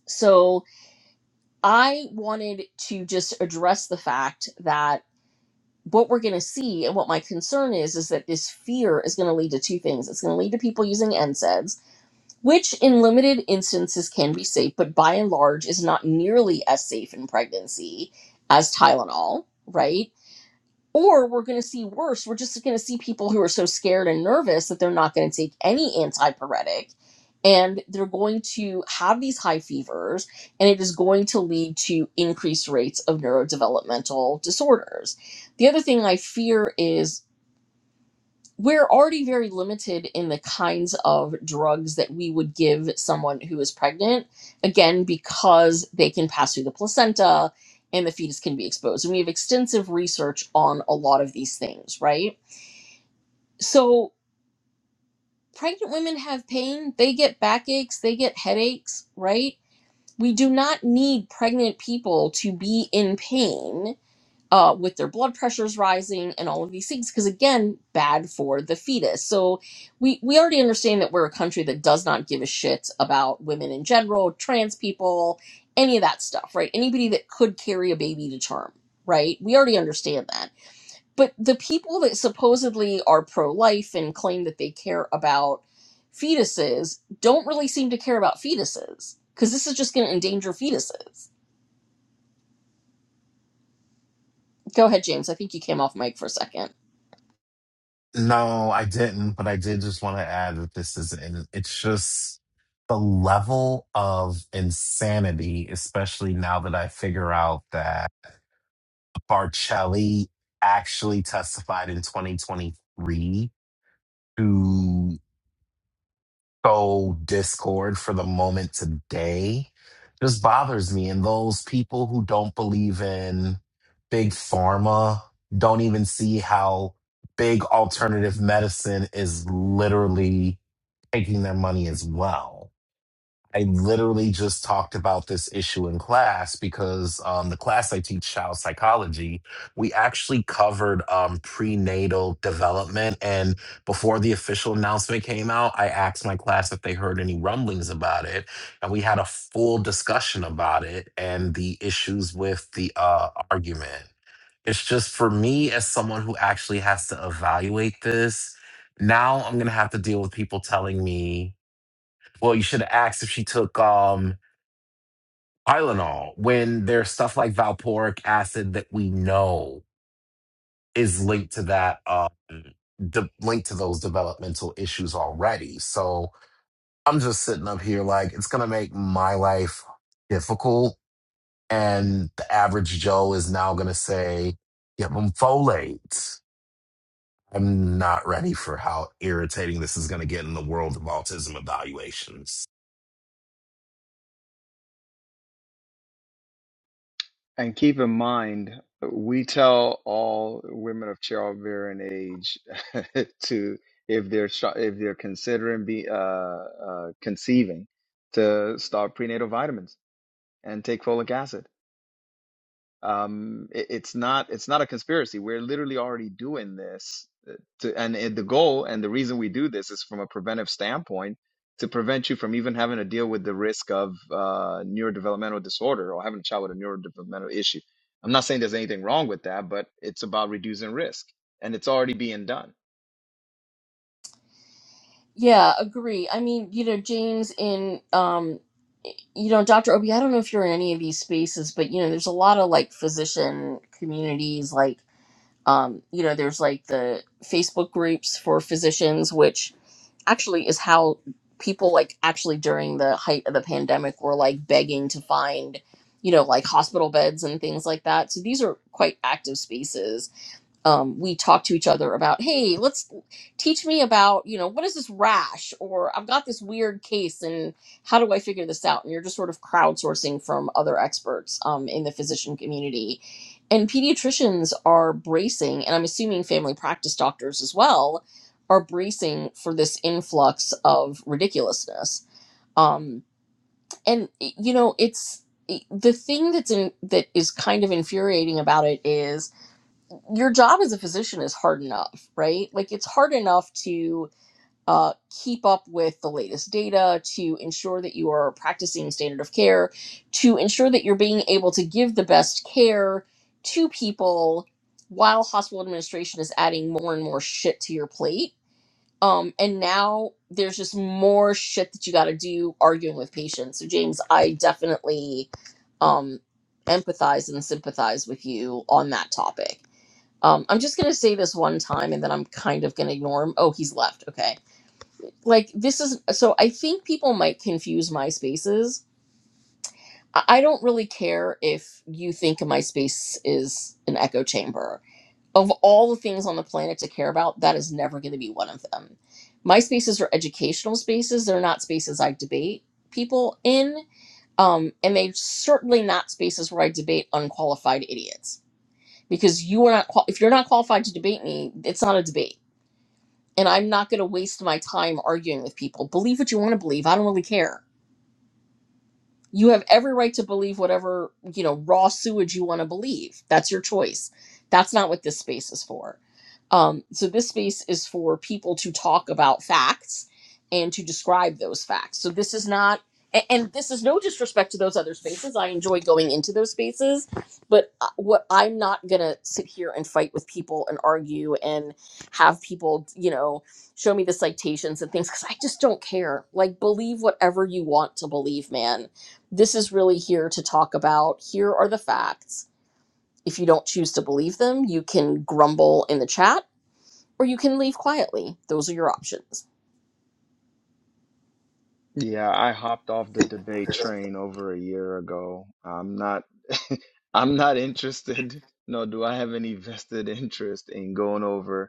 So I wanted to just address the fact that what we're going to see and what my concern is is that this fear is going to lead to two things it's going to lead to people using nsaids which in limited instances can be safe but by and large is not nearly as safe in pregnancy as tylenol right or we're going to see worse. We're just going to see people who are so scared and nervous that they're not going to take any antipyretic and they're going to have these high fevers and it is going to lead to increased rates of neurodevelopmental disorders. The other thing I fear is we're already very limited in the kinds of drugs that we would give someone who is pregnant, again, because they can pass through the placenta and the fetus can be exposed. And we have extensive research on a lot of these things, right? So, pregnant women have pain, they get backaches, they get headaches, right? We do not need pregnant people to be in pain uh, with their blood pressures rising and all of these things because again bad for the fetus so we we already understand that we're a country that does not give a shit about women in general trans people any of that stuff right anybody that could carry a baby to term right we already understand that but the people that supposedly are pro-life and claim that they care about fetuses don't really seem to care about fetuses because this is just going to endanger fetuses go ahead james i think you came off mic for a second
No, I didn't, but I did just want to add that this is, and it's just the level of insanity, especially now that I figure out that. Parcelli actually testified in 2023 to sow discord for the moment today just bothers me. And those people who don't believe in big pharma don't even see how big alternative medicine is literally taking their money as well. I literally just talked about this issue in class because um, the class I teach, child psychology, we actually covered um, prenatal development. And before the official announcement came out, I asked my class if they heard any rumblings about it. And we had a full discussion about it and the issues with the uh, argument. It's just for me, as someone who actually has to evaluate this, now I'm going to have to deal with people telling me. Well, you should have asked if she took um Tylenol when there's stuff like valporic acid that we know is linked to that um de- linked to those developmental issues already. So I'm just sitting up here like it's gonna make my life difficult, and the average Joe is now gonna say, "Give them folate." I'm not ready for how irritating this is gonna get in the world of autism evaluations.
And keep in mind, we tell all women of childbearing age to, if they're sh- if they're considering be uh, uh, conceiving, to start prenatal vitamins and take folic acid. um it, it's not it's not a conspiracy we're literally already doing this uh, to and it, the goal and the reason we do this is from a preventive standpoint to prevent you from even having to deal with the risk of uh neurodevelopmental disorder or having a child with a neurodevelopmental issue i'm not saying there's anything wrong with that but it's about reducing risk and it's already being done
Yeah, agree. I mean, you know, James in um you know, Dr. Obi, I don't know if you're in any of these spaces, but you know, there's a lot of like physician communities like um, you know, there's like the Facebook groups for physicians which actually is how people like actually during the height of the pandemic were like begging to find, you know, like hospital beds and things like that. So these are quite active spaces um, we talk to each other about hey let's teach me about you know what is this rash or i've got this weird case and how do i figure this out and you're just sort of crowdsourcing from other experts um, in the physician community and pediatricians are bracing and i'm assuming family practice doctors as well are bracing for this influx of ridiculousness um, and you know it's the thing that's in that is kind of infuriating about it is your job as a physician is hard enough, right? Like it's hard enough to uh, keep up with the latest data, to ensure that you are practicing standard of care, to ensure that you're being able to give the best care to people while hospital administration is adding more and more shit to your plate. Um, and now there's just more shit that you got to do arguing with patients. So, James, I definitely um, empathize and sympathize with you on that topic. Um, I'm just gonna say this one time, and then I'm kind of gonna ignore him. Oh, he's left. Okay. Like this is so. I think people might confuse MySpaces. I I don't really care if you think MySpace is an echo chamber. Of all the things on the planet to care about, that is never going to be one of them. MySpaces are educational spaces. They're not spaces I debate people in, um, and they're certainly not spaces where I debate unqualified idiots. Because you are not qual- if you're not qualified to debate me, it's not a debate and I'm not going to waste my time arguing with people. Believe what you want to believe. I don't really care you have every right to believe whatever you know raw sewage you want to believe that's your choice that's not what this space is for um, so this space is for people to talk about facts and to describe those facts so this is not a- and this is no disrespect to those other spaces i enjoy going into those spaces but uh, what i'm not gonna sit here and fight with people and argue and have people you know show me the citations and things because i just don't care like believe whatever you want to believe man this is really here to talk about here are the facts. If you don't choose to believe them, you can grumble in the chat or you can leave quietly. Those are your options.
yeah i hopped off the debate train over a year ago i'm not i'm not interested nor do i have any vested interest in going over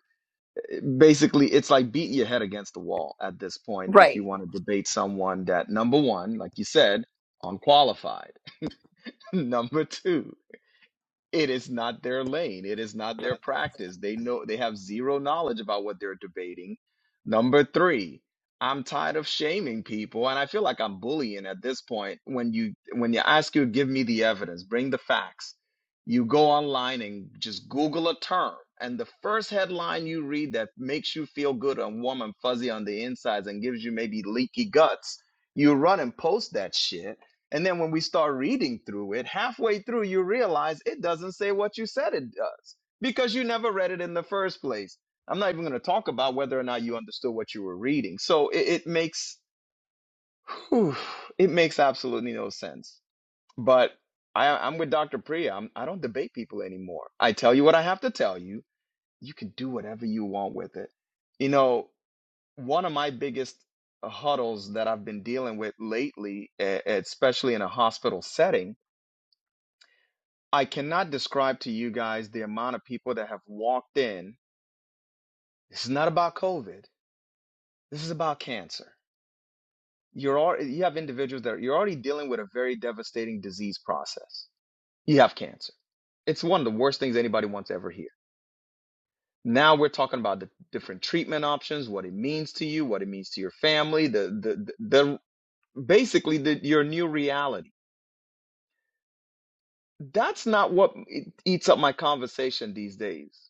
basically it's like beating your head against the wall at this point if
Right.
you want to debate someone that number one like you said unqualified number two it is not their lane it is not their practice they know they have zero knowledge about what they're debating number 3 i'm tired of shaming people and i feel like i'm bullying at this point when you when you ask you give me the evidence bring the facts you go online and just google a term and the first headline you read that makes you feel good and warm and fuzzy on the insides and gives you maybe leaky guts you run and post that shit and then when we start reading through it, halfway through, you realize it doesn't say what you said it does because you never read it in the first place. I'm not even going to talk about whether or not you understood what you were reading. So it, it makes whew, it makes absolutely no sense. But I, I'm with Dr. Priya. I'm, I don't debate people anymore. I tell you what I have to tell you. You can do whatever you want with it. You know, one of my biggest uh, huddles that I've been dealing with lately, e- especially in a hospital setting, I cannot describe to you guys the amount of people that have walked in. This is not about COVID. This is about cancer. You're all, you have individuals that are, you're already dealing with a very devastating disease process. You have cancer. It's one of the worst things anybody wants to ever hear. Now we're talking about the different treatment options, what it means to you, what it means to your family, the the the, the basically the, your new reality. That's not what eats up my conversation these days.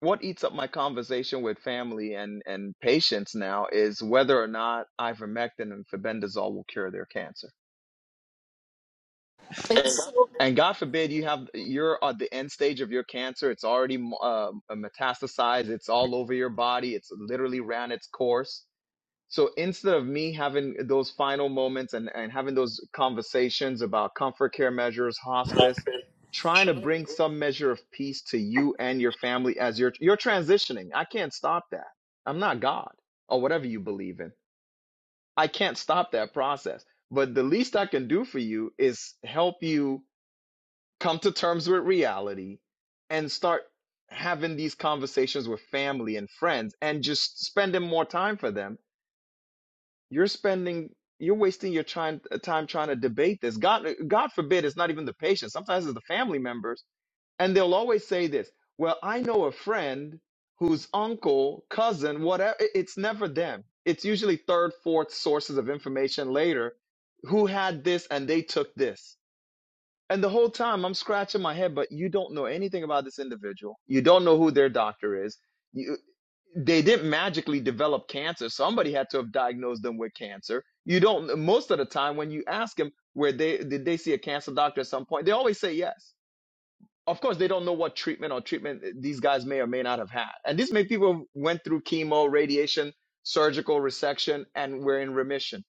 what eats up my conversation with family and and patients now is whether or not ivermectin and febendazole will cure their cancer.
It's
And God forbid you have you're at the end stage of your cancer. It's already uh, metastasized. It's all over your body. It's literally ran its course So instead of me having those final moments and, and having those conversations about comfort care measures, hospice, trying to bring some measure of peace to you and your family as you're you're transitioning. I can't stop that. I'm not God or whatever you believe in. I can't stop that process. But the least I can do for you is help you come to terms with reality and start having these conversations with family and friends and just spending more time for them you're spending, you're wasting your time, time trying to debate this. God, uh, God forbid, it's not even the patient. Sometimes it's the family members, and they'll always say this. Well, I know a friend whose uncle, cousin, whatever. it- It's never them. It's usually third, fourth sources of information later who had this and they took this. And the whole time I'm scratching my head, but you don't know anything about this individual. You don't know who their doctor is they didn't magically develop cancer. Somebody had to have diagnosed them with cancer. You don't, most of the time when you ask them where they, did they see a cancer doctor at some point, they always say yes. Of course, they don't know what treatment or treatment these guys may or may not have had. And these many people went through chemo, radiation, surgical resection, and were in remission.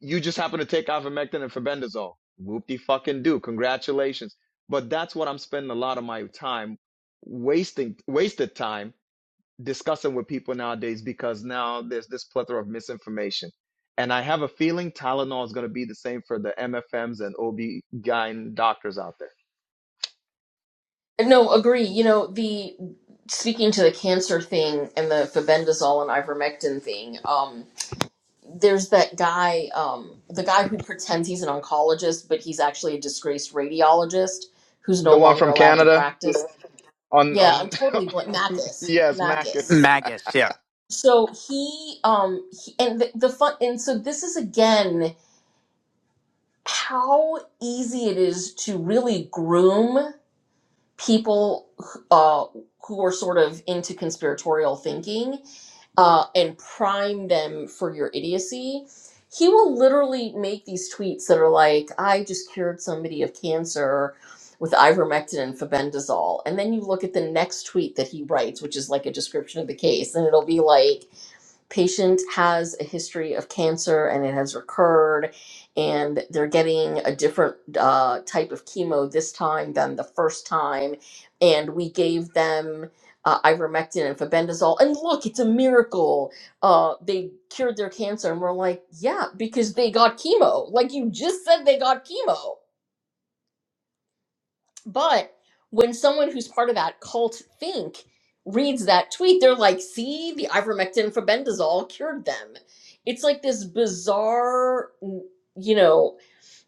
You just happen to take ivermectin and febendazole. Whoopty fucking do. Congratulations. But that's what I'm spending a lot of my time wasting, wasted time discussing with people nowadays because now there's this plethora of misinformation. And I have a feeling Tylenol is going to be the same for the MFMs and ObGyn doctors out there.
no, agree. You know, the speaking to the cancer thing and the fabendazole and ivermectin thing, um, there's that guy, um, the guy who pretends he's an oncologist, but he's actually a disgraced radiologist who's
The
no
one
longer
from
allowed to
Canada
practice.
on
Yeah,
on
I'm totally bl- Mackis.
yes, Macus.
Mackis.
magus yeah
So he, um, he, and the, the fun, and so this is again how easy it is to really groom people uh, who are sort of into conspiratorial thinking uh, and prime them for your idiocy. He will literally make these tweets that are like, "I just cured somebody of cancer." With ivermectin and fabendazole, and then you look at the next tweet that he writes, which is like a description of the case, and it'll be like, patient has a history of cancer and it has recurred and they're getting a different uh, type of chemo this time than the first time and we gave them uh, ivermectin and fabendazole and look it's a miracle uh, they cured their cancer and we're like yeah because they got chemo like you just said they got chemo but when someone who's part of that cult think reads that tweet, they're like, see, the ivermectin for bendazole cured them. It's like this bizarre, you know,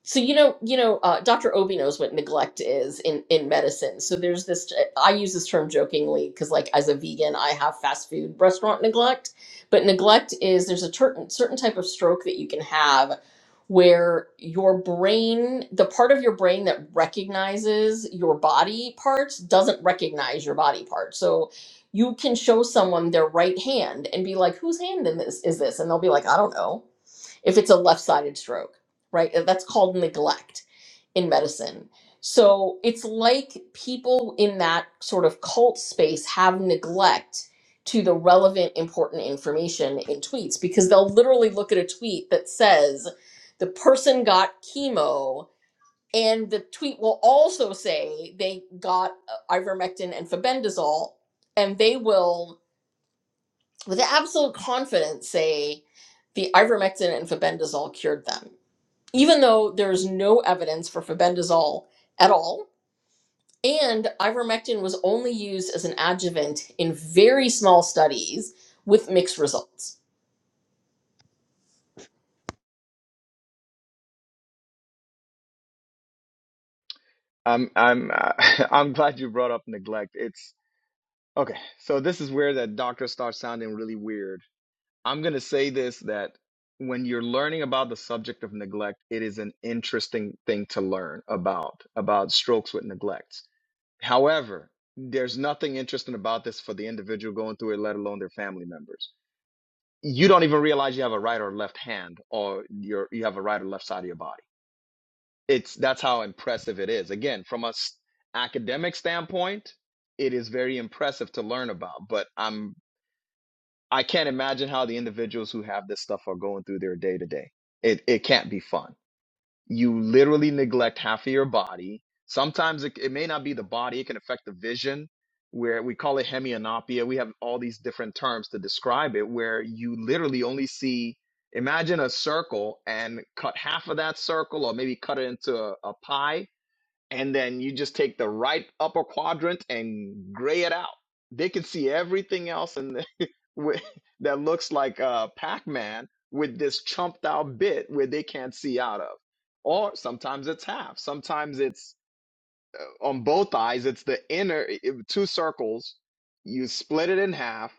so you know, you know, uh, Dr. Obi knows what neglect is in in medicine. So there's this. uh, I use this term jokingly because, like, as a vegan, I have fast food restaurant neglect. But neglect is there's a certain certain type of stroke that you can have where your brain, the part of your brain that recognizes your body parts, doesn't recognize your body part. So you can show someone their right hand and be like, "Whose hand in this is this?" And they'll be like, "I don't know." if it's a left sided stroke, right? That's called neglect in medicine. So it's like people in that sort of cult space have neglect to the relevant, important information in tweets because they'll literally look at a tweet that says the person got chemo. And the tweet will also say they got uh, ivermectin and fabendazole, and they will, with absolute confidence, say the ivermectin and fabendazole cured them even though there is no evidence for febendazole at all, and ivermectin was only used as an adjuvant in very small studies with mixed results.
I'm I'm uh, I'm glad you brought up neglect. It's okay. So this is where that doctor starts sounding really weird. I'm going to say this that when you're learning about the subject of neglect, it is an interesting thing to learn about about strokes with neglect However, there's nothing interesting about this for the individual going through it, let alone their family members. You don't even realize you have a right or left hand, or you're you have a right or left side of your body. It's that's how impressive it is. Again, from a s- academic standpoint, it is very impressive to learn about. But I'm I can't imagine how the individuals who have this stuff are going through their day to day. It it can't be fun you literally neglect half of your body. Sometimes it, it may not be the body, it can affect the vision, where we call it hemianopia. We have all these different terms to describe it, where you literally only see, imagine a circle and cut half of that circle, or maybe cut it into a, a pie and then you just take the right upper quadrant and gray it out. They can see everything else in the, with, that looks like uh, Pac-Man with this chumped out bit where they can't see out of. Or sometimes it's half. Sometimes it's uh, on both eyes. It's the inner it, two circles. You split it in half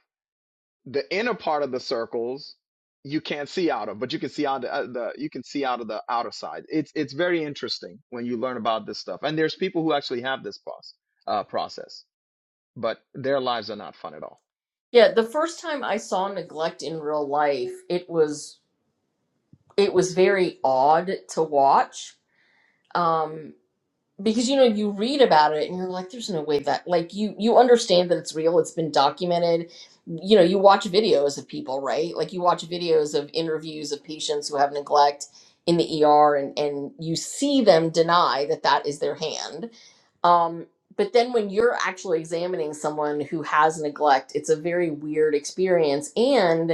the inner part of the circles you can't see out of, but you can see out uh, the you can see out of the outer side. It's it's very interesting when you learn about this stuff. And there's people who actually have this process, uh, process, but their lives are not fun at all.
Yeah, the first time I saw neglect in real life, it was it was very odd to watch. Um, because you know you read about it and you're like there's no way that like you you understand that it's real it's been documented you know you watch videos of people right like you watch videos of interviews of patients who have neglect in the ER and and you see them deny that that is their hand um but then when you're actually examining someone who has neglect it's a very weird experience and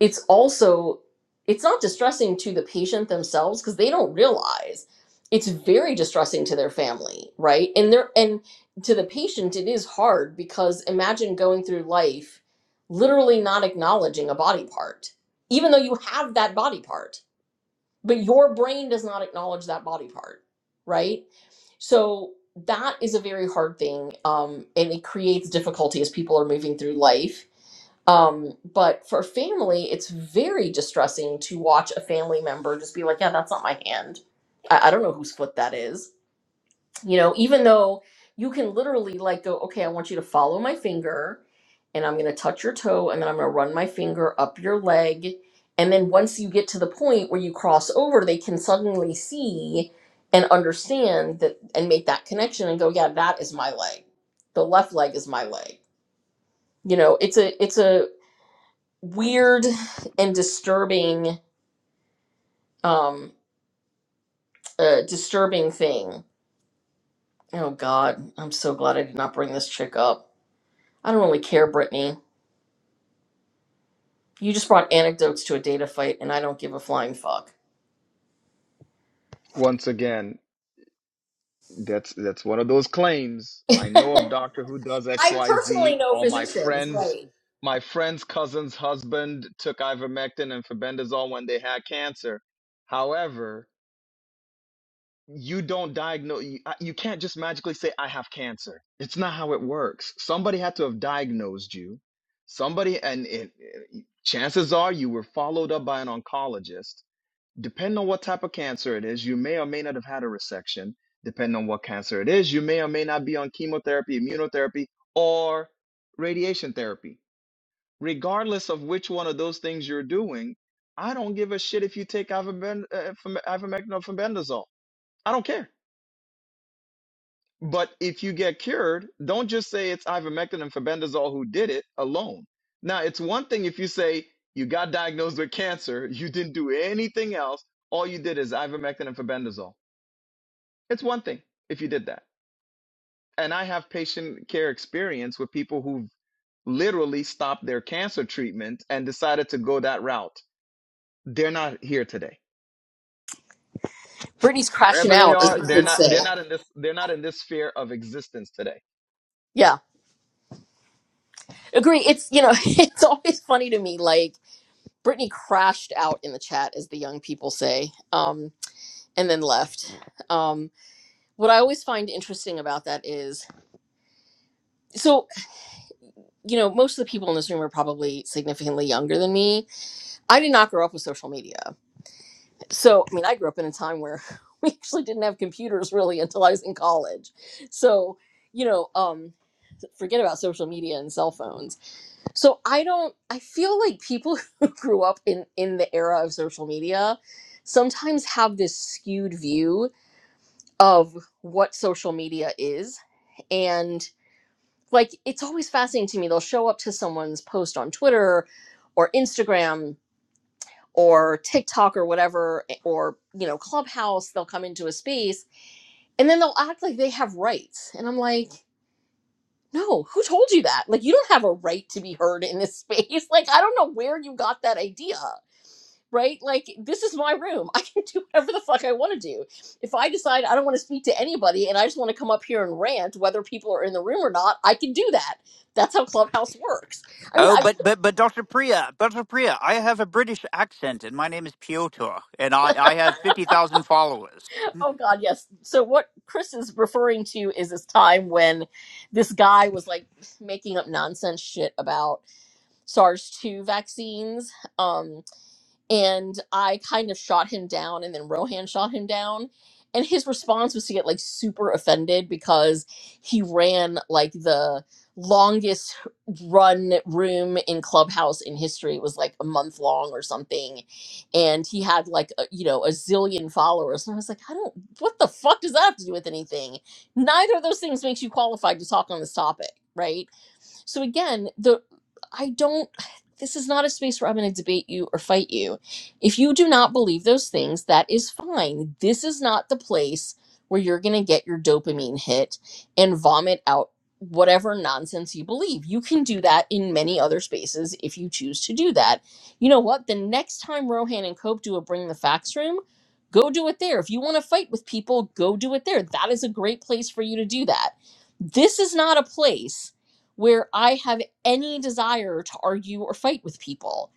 it's also it's not distressing to the patient themselves because they don't realize it's very distressing to their family right and they're and to the patient it is hard because imagine going through life literally not acknowledging a body part even though you have that body part but your brain does not acknowledge that body part right so that is a very hard thing um, and it creates difficulty as people are moving through life um, but for family, it's very distressing to watch a family member just be like, yeah, that's not my hand. I, I don't know whose foot that is. You know, even though you can literally like go, okay, I want you to follow my finger and I'm going to touch your toe and then I'm going to run my finger up your leg. And then once you get to the point where you cross over, they can suddenly see and understand that and make that connection and go, yeah, that is my leg. The left leg is my leg. You know, it's a, it's a, weird and disturbing um uh, disturbing thing. Oh god, I'm so glad I did not bring this chick up. I don't really care, Brittany. You just brought anecdotes to a data fight and I don't give a flying fuck.
Once again, that's that's one of those claims. I know of Doctor Who does X
I
Y
personally
Z.
know
All my
physicians,
friends,
right.
my friend's cousin's husband took ivermectin and febendazole when they had cancer. However, you don't diagnose you, you can't just magically say i have cancer it's not how it works somebody had to have diagnosed you somebody and it, it- chances are you were followed up by an oncologist depending on what type of cancer it is you may or may not have had a resection depending on what cancer it is you may or may not be on chemotherapy immunotherapy or radiation therapy regardless of which one of those things you're doing i don't give a shit if you take ivermectin or fenbendazole i don't care but if you get cured, don't just say it's ivermectin and febendazole who did it alone. Now, it's one thing if you say you got diagnosed with cancer, you didn't do anything else, all you did is ivermectin and febendazole. It's one thing if you did that. And I have patient care experience with people who've literally stopped their cancer treatment and decided to go that route. They're not here today.
Brittany's crashing
Wherever they
out, as
are,
the
they're
kids
not
say.
they're not in this they're not in this sphere of existence today
Yeah. Agree. It's you know, it's always funny to me, like Brittany crashed out in the chat, as the young people say, um, and then left. Um, what I always find interesting about that is so you know, most of the people in this room are probably significantly younger than me. I did not grow up with social media. So, I mean, I grew up in a time where we actually didn't have computers really until I was in college. So, you know, um, forget about social media and cell phones. So I don't I feel like people who grew up in in the era of social media sometimes have this skewed view of what social media is like it's always fascinating to me they'll show up to someone's post on twitter or instagram or tiktok or whatever eh, or you know clubhouse they'll come into a space and then they'll act like they have rights and i'm like no who told you that like you don't have a right to be heard in this space like i don't know where you got that idea right? Like this is my room. I can do whatever the fuck I want to do. If I decide I don't want to speak to anybody and I just want to come up here and rant, whether people are in the room or not, I can do that. That's how Clubhouse works. I mean,
Oh,
I
but but but Dr. Priya, Dr. Priya, I have a British accent and my name is Piotr and I I have 50,000 followers.
oh god, yes. So what Chris is referring to is this time when this guy was like making up nonsense shit about SARS two vaccines. Um, and I kind of shot him down, and then Rohan shot him down. And his response was to get like super offended because he ran like the longest run room in Clubhouse in history. It was like a month long or something. And he had like, a, you know, a zillion followers. And I was like, I don't, what the fuck does that have to do with anything? Neither of those things makes you qualified to talk on this topic, right? So again, the I don't this is not a space where I'm going to debate you or fight you. If you do not believe those things, that is fine. This is not the place where you're going to get your dopamine hit and vomit out whatever nonsense you believe. You can do that in many other spaces if you choose to do that. You know what? The next time Rohan and Cope do a bring the facts room, go do it there. If you want to fight with people, go do it there. That is a great place for you to do that. This is not a place where I have any desire to argue or fight with people.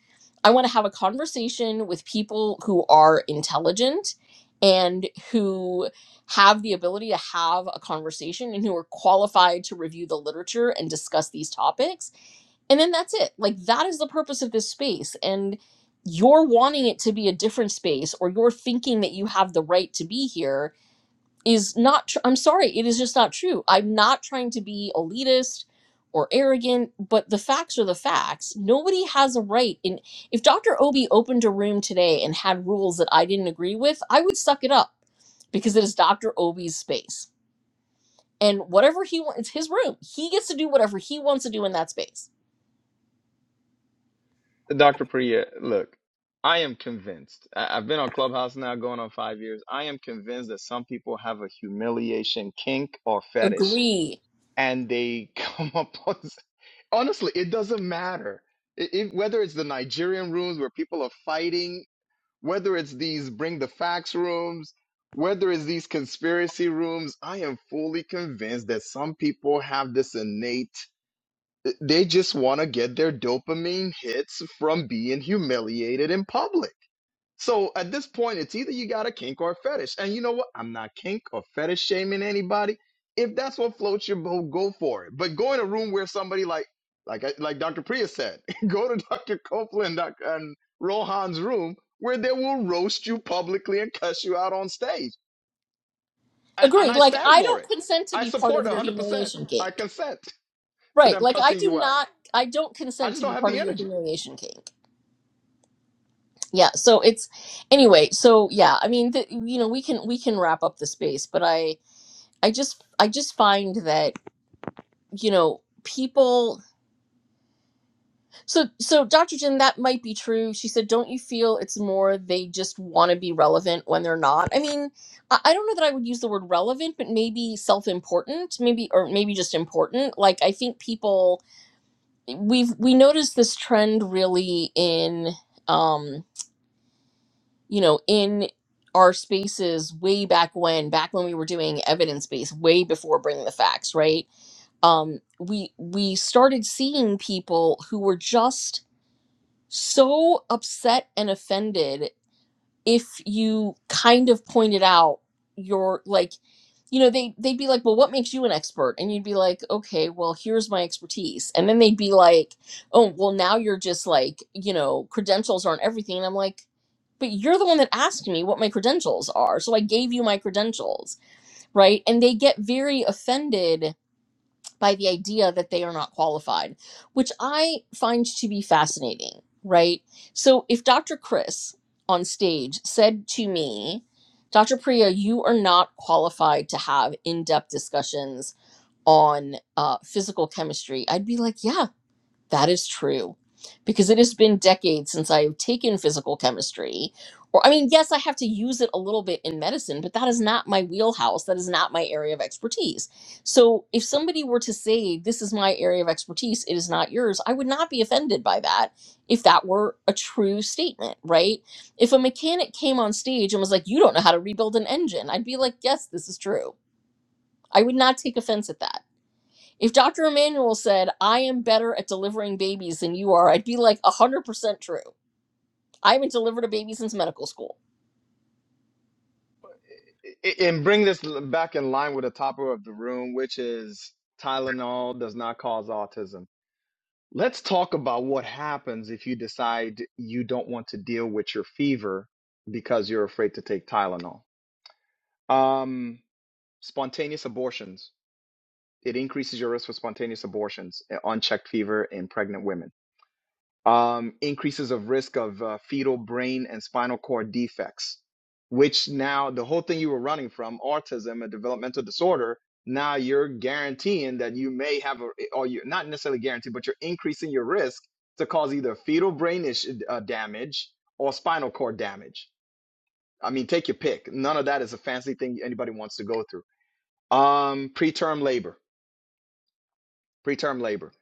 I want to have a conversation with people who are intelligent and who have the ability to have a conversation and who are qualified to review the literature and discuss these topics. And then that's it. Like, that is the purpose of this space. And you're wanting it to be a different space, or you're thinking that you have the right to be here is not tr- i'm sorry it is just not true i'm not trying to be elitist or arrogant but the facts are the facts nobody has a right in if dr obi opened a room today and had rules that i didn't agree with i would suck it up because it is dr obi's space and whatever he wants it's his room he gets to do whatever he wants to do in that space
Dr. Priya, look, I am convinced. I- I've been on Clubhouse now going on five years. I am convinced that some people have a humiliation kink or fetish,
agree
and they come up on. Honestly, it doesn't matter. It, it, whether it's the Nigerian rooms where people are fighting, whether it's these bring the facts rooms, whether it's these conspiracy rooms, I am fully convinced that some people have this innate they just want to get their dopamine hits from being humiliated in public. So at this point, it's either you got a kink or a fetish. And you know what? I'm not kink or fetish shaming anybody. If that's what floats your boat, go for it. But go in a room where somebody like, like, I- like Dr. Priya said, go to Dr. Copeland doc- and Rohan's room where they will roast you publicly and cuss you out on stage. And, and
agree
I
like
stand
i
for it.
don't consent to
I
be part
support
of your
100%.
humiliation
I
kink
consent to
right
them
like i
cussing
do
you out.
not i don't
I
consent
just
to
don't
be
have
part
the
of your
energy.
humiliation kink yeah so it's anyway so yeah i mean th- you know we can we can wrap up the space but i i just i just find that you know people so so dr jen that might be true she said don't you feel it's more they just want to be relevant when they're not i mean I, I don't know that i would use the word relevant but maybe self-important maybe or maybe just important like i think people we've we noticed this trend really in Um, you know, in our spaces way back when, back when we were doing evidence based, way before bringing the facts, right? Um, we we started seeing people who were just so upset and offended if you kind of pointed out your like you know they they'd be like well what makes you an expert and you'd be like okay well here's my expertise and then they'd be like oh well now you're just like you know credentials aren't everything and i'm like but you're the one that asked me what my credentials are so i gave you my credentials right and they get very offended by the idea that they are not qualified, which I find to be fascinating, right? So if Dr. Chris on stage said to me, Dr. Priya, you are not qualified to have in depth discussions on uh, physical chemistry, I'd be like, yeah, that is true. Because it has been decades since I have taken physical chemistry. Or, I mean, yes, I have to use it a little bit in medicine, but that is not my wheelhouse. That is not my area of expertise. So, if somebody were to say, This is my area of expertise, it is not yours, I would not be offended by that if that were a true statement, right? If a mechanic came on stage and was like, You don't know how to rebuild an engine, I'd be like, Yes, this is true. I would not take offense at that if Dr. Emanuel said, I am better at delivering babies than you are, I'd be like 100% true. I haven't delivered a baby since medical school.
I- and bring this back in line with the topic of the room, which is Tylenol does not cause autism. Let's talk about what happens if you decide you don't want to deal with your fever because you're afraid to take Tylenol. Um, spontaneous abortions. It increases your risk for spontaneous abortions, uh, unchecked fever in pregnant women um, increases of risk of uh, fetal brain and spinal cord defects, which now the whole thing you were running from autism, a developmental disorder, now you're guaranteeing that you may have, a, eh, or you're not necessarily guaranteed, but you're increasing your risk to cause either fetal brain ish, uh, damage or spinal cord damage. I mean, take your pick. None of that is a fancy thing anybody wants to go through. Um, preterm labor preterm labor.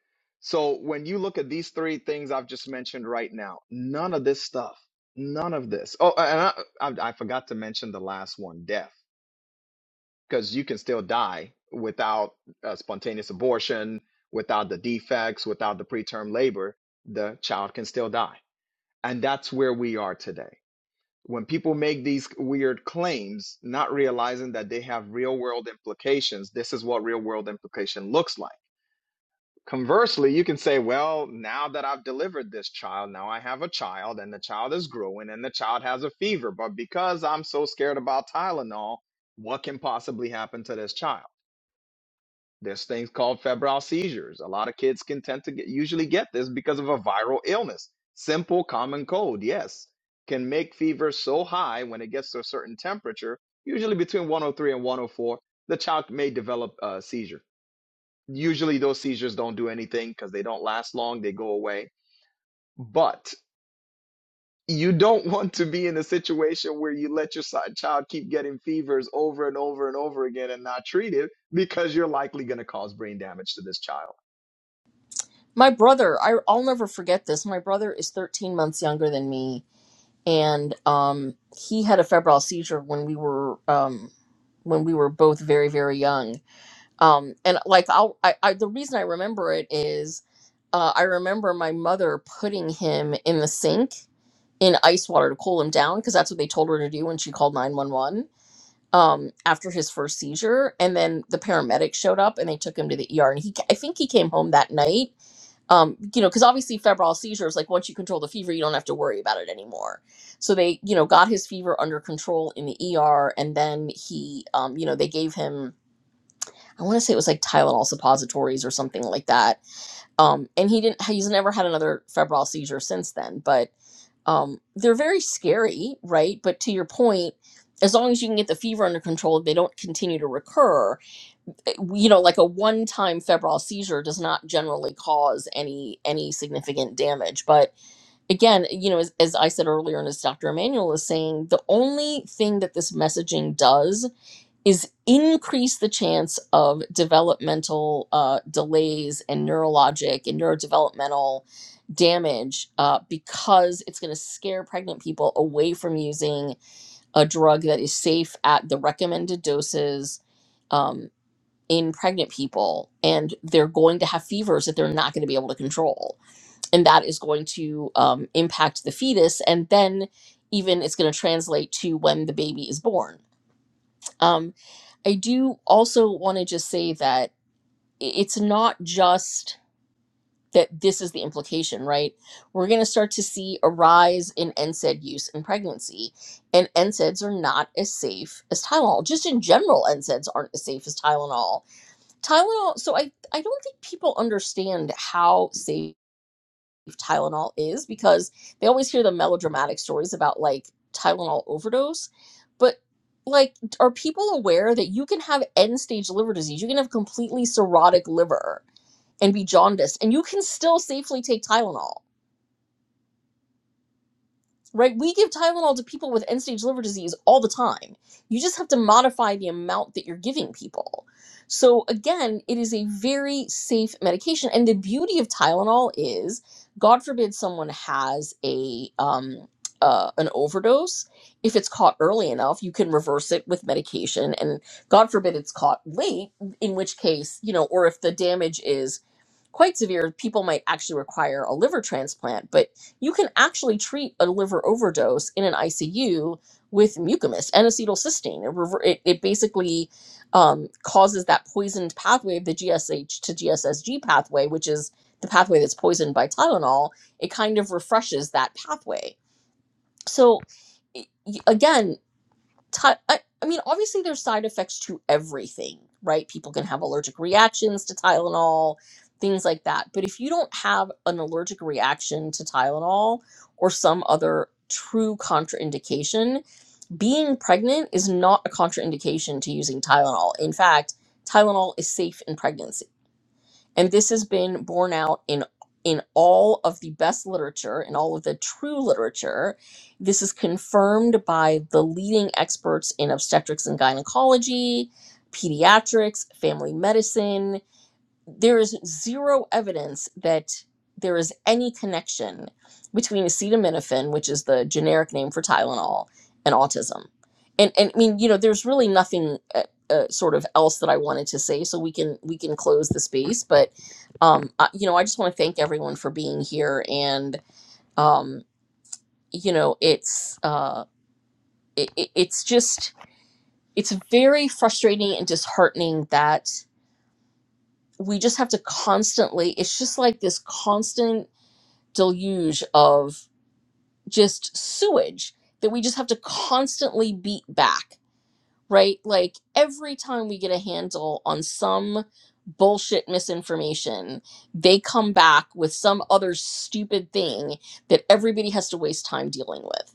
So when you look at these three things I've just mentioned right now, none of this stuff, none of this. Oh, and I, I, I forgot to mention the last one, death, because you can still die without a spontaneous abortion, without the defects, without the preterm labor, the child can still die. And that's where we are today. When people make these weird claims, not realizing that they have real world implications, this is what real world implication looks like Conversely, you can say, well, now that I've delivered this child, now I have a child and the child is growing and the child has a fever. But because I'm so scared about Tylenol, what can possibly happen to this child? There's things called febrile seizures. A lot of kids can tend to get, usually get this because of a viral illness. Simple common cold, yes, can make fever so high when it gets to a certain temperature, usually between 103 and 104, the child may develop a seizure. Usually those seizures don't do anything because they don't last long, they go away. But you don't want to be in a situation where you let your si- child keep getting fevers over and over and over again and not treat it because you're likely going to cause brain damage to this child.
My brother, I, I'll never forget this. My brother is 13 months younger than me, and um, he had a febrile seizure when we were. Um, when we were both very very young um and like I'll, I, I the reason i remember it is uh, i remember my mother putting him in the sink in ice water to cool him down because that's what they told her to do when she called 911 um after his first seizure and then the paramedics showed up and they took him to the ER and he I think he came home that night um you know cuz obviously febrile seizures like once you control the fever you don't have to worry about it anymore so they you know got his fever under control in the ER and then he um you know they gave him I want to say it was like Tylenol suppositories or something like that um and he didn't he's never had another febrile seizure since then but um they're very scary right but to your point as long as you can get the fever under control they don't continue to recur it- you know like a one time febrile seizure does not generally cause any any significant damage but again you know as, as i said earlier and as dr Emanuel is saying the only thing that this messaging does is increase the chance of developmental uh, delays and neurologic and neurodevelopmental damage uh, because it's going to scare pregnant people away from using a drug that is safe at the recommended doses um, in pregnant people. And they're going to have fevers that they're not going to be able to control. And that is going to um, impact the fetus. And then even it's going to translate to when the baby is born Um, I do also want to just say that it's not just that this is the implication, right? We're going to start to see a rise in NSAID use in pregnancy, and NSAIDs are not as safe as Tylenol. Just in general, NSAIDs aren't as safe as Tylenol. Tylenol, so I, I don't think people understand how safe. Tylenol is because they always hear the melodramatic stories about like Tylenol overdose. But like, are people aware that you can have end stage liver disease? You can have completely cirrhotic liver and be jaundiced, and you can still safely take Tylenol right? We give Tylenol to people with end stage liver disease all the time. You just have to modify the amount that you're giving people. So, again, it is a very safe medication. And the beauty of Tylenol is, God forbid someone has a, um, uh, an overdose. If it's caught early enough, you can reverse it with medication. And God forbid it's caught late, in which case, you know, or if the damage is quite severe, people might actually require a liver transplant, but you can actually treat a liver overdose in an ICU with mucimist and acetylcysteine. It, rever- it, it basically um, causes that poisoned pathway of the GSH to GSSG pathway, which is the pathway that's poisoned by Tylenol. It kind of refreshes that pathway. So, i- y- again, ti- I, I mean, obviously there's side effects to everything, right? People can have allergic reactions to Tylenol, things like that. But if you don't have an allergic reaction to Tylenol or some other true contraindication, being pregnant is not a contraindication to using Tylenol. In fact, Tylenol is safe in pregnancy and this has been borne out in in all of the best literature, in all of the true literature. This is confirmed by the leading experts in obstetrics and gynecology, pediatrics, family medicine, there is zero evidence that there is any connection between acetaminophen, which is the generic name for Tylenol, and autism. And and I mean, you know, there's really nothing uh, uh, sort of else that I wanted to say, so we can we can close the space. But um, I, you know, I just want to thank everyone for being here, and um, you know, it's uh, it, it- it's just it's very frustrating and disheartening that we just have to constantly it's just like this constant deluge of just sewage that we just have to constantly beat back, right? Like every time we get a handle on some bullshit misinformation, they come back with some other stupid thing that everybody has to waste time dealing with.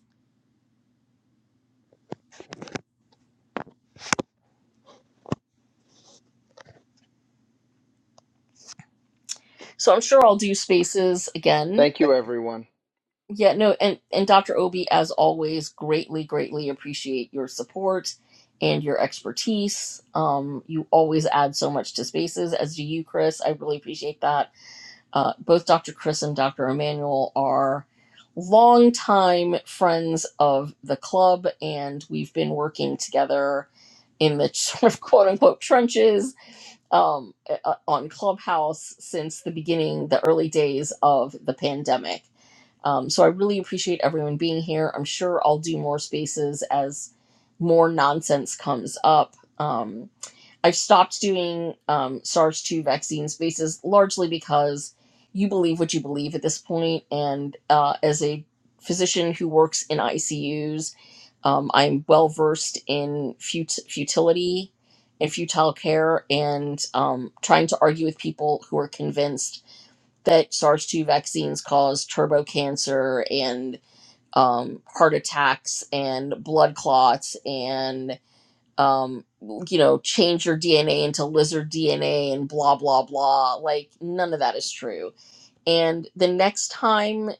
So I'm sure I'll do spaces again
Thank you, everyone.
Yeah, no, and and Dr. Obi, as always, greatly, greatly appreciate your support and your expertise. Um, you always add so much to spaces, as do you, Chris. I really appreciate that. Uh, both Dr. Chris and Dr. Emmanuel are longtime friends of the club, and we've been working together in the sort of quote unquote trenches um, uh, on Clubhouse since the beginning, the early days of the pandemic. Um, so I really appreciate everyone being here. I'm sure I'll do more spaces as more nonsense comes up. Um, I've stopped doing um, SARS 2 vaccine spaces largely because you believe what you believe at this point. And uh, as a physician who works in ICUs, um, I'm well versed in fut- futility and futile care and um, trying to argue with people who are convinced that SARS 2 vaccines cause turbo cancer and um, heart attacks and blood clots and um you know change your dna into lizard dna and blah blah blah like none of that is true and the next time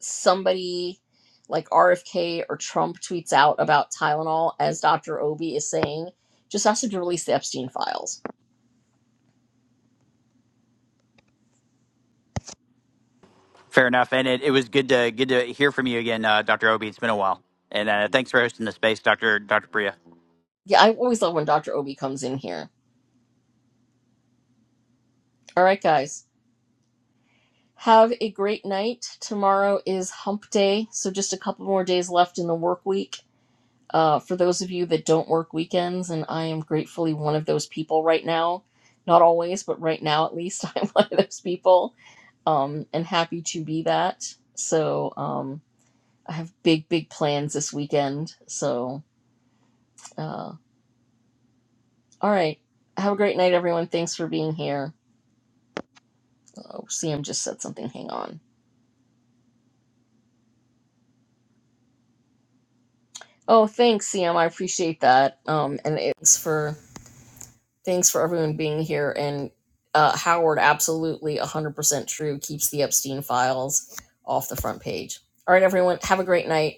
somebody like rfk or trump tweets out about tylenol as dr obi is saying just ask them to release the epstein files
Fair enough, and it, it was good to good to hear from you again, uh, Dr. Obi. It's been a while, and uh, thanks for hosting the space, Dr. Dr. Priya.
yeah i always love when dr obi comes in here all right guys have a great night tomorrow is hump day so just a couple more days left in the work week Uh, for those of you that don't work weekends, and I am gratefully one of those people right now, not always, but right now at least, I'm one of those people, um, and happy to be that. So um, I have big, big plans this weekend. So, uh, all right. Have a great night, everyone. Thanks for being here. Oh, CM just said something. Hang on. Oh, thanks, CM. I appreciate that. Um, and it's for Thanks for everyone being here. And uh, Howard, absolutely 100% true, keeps the Epstein files off the front page. All right, everyone, have a great night.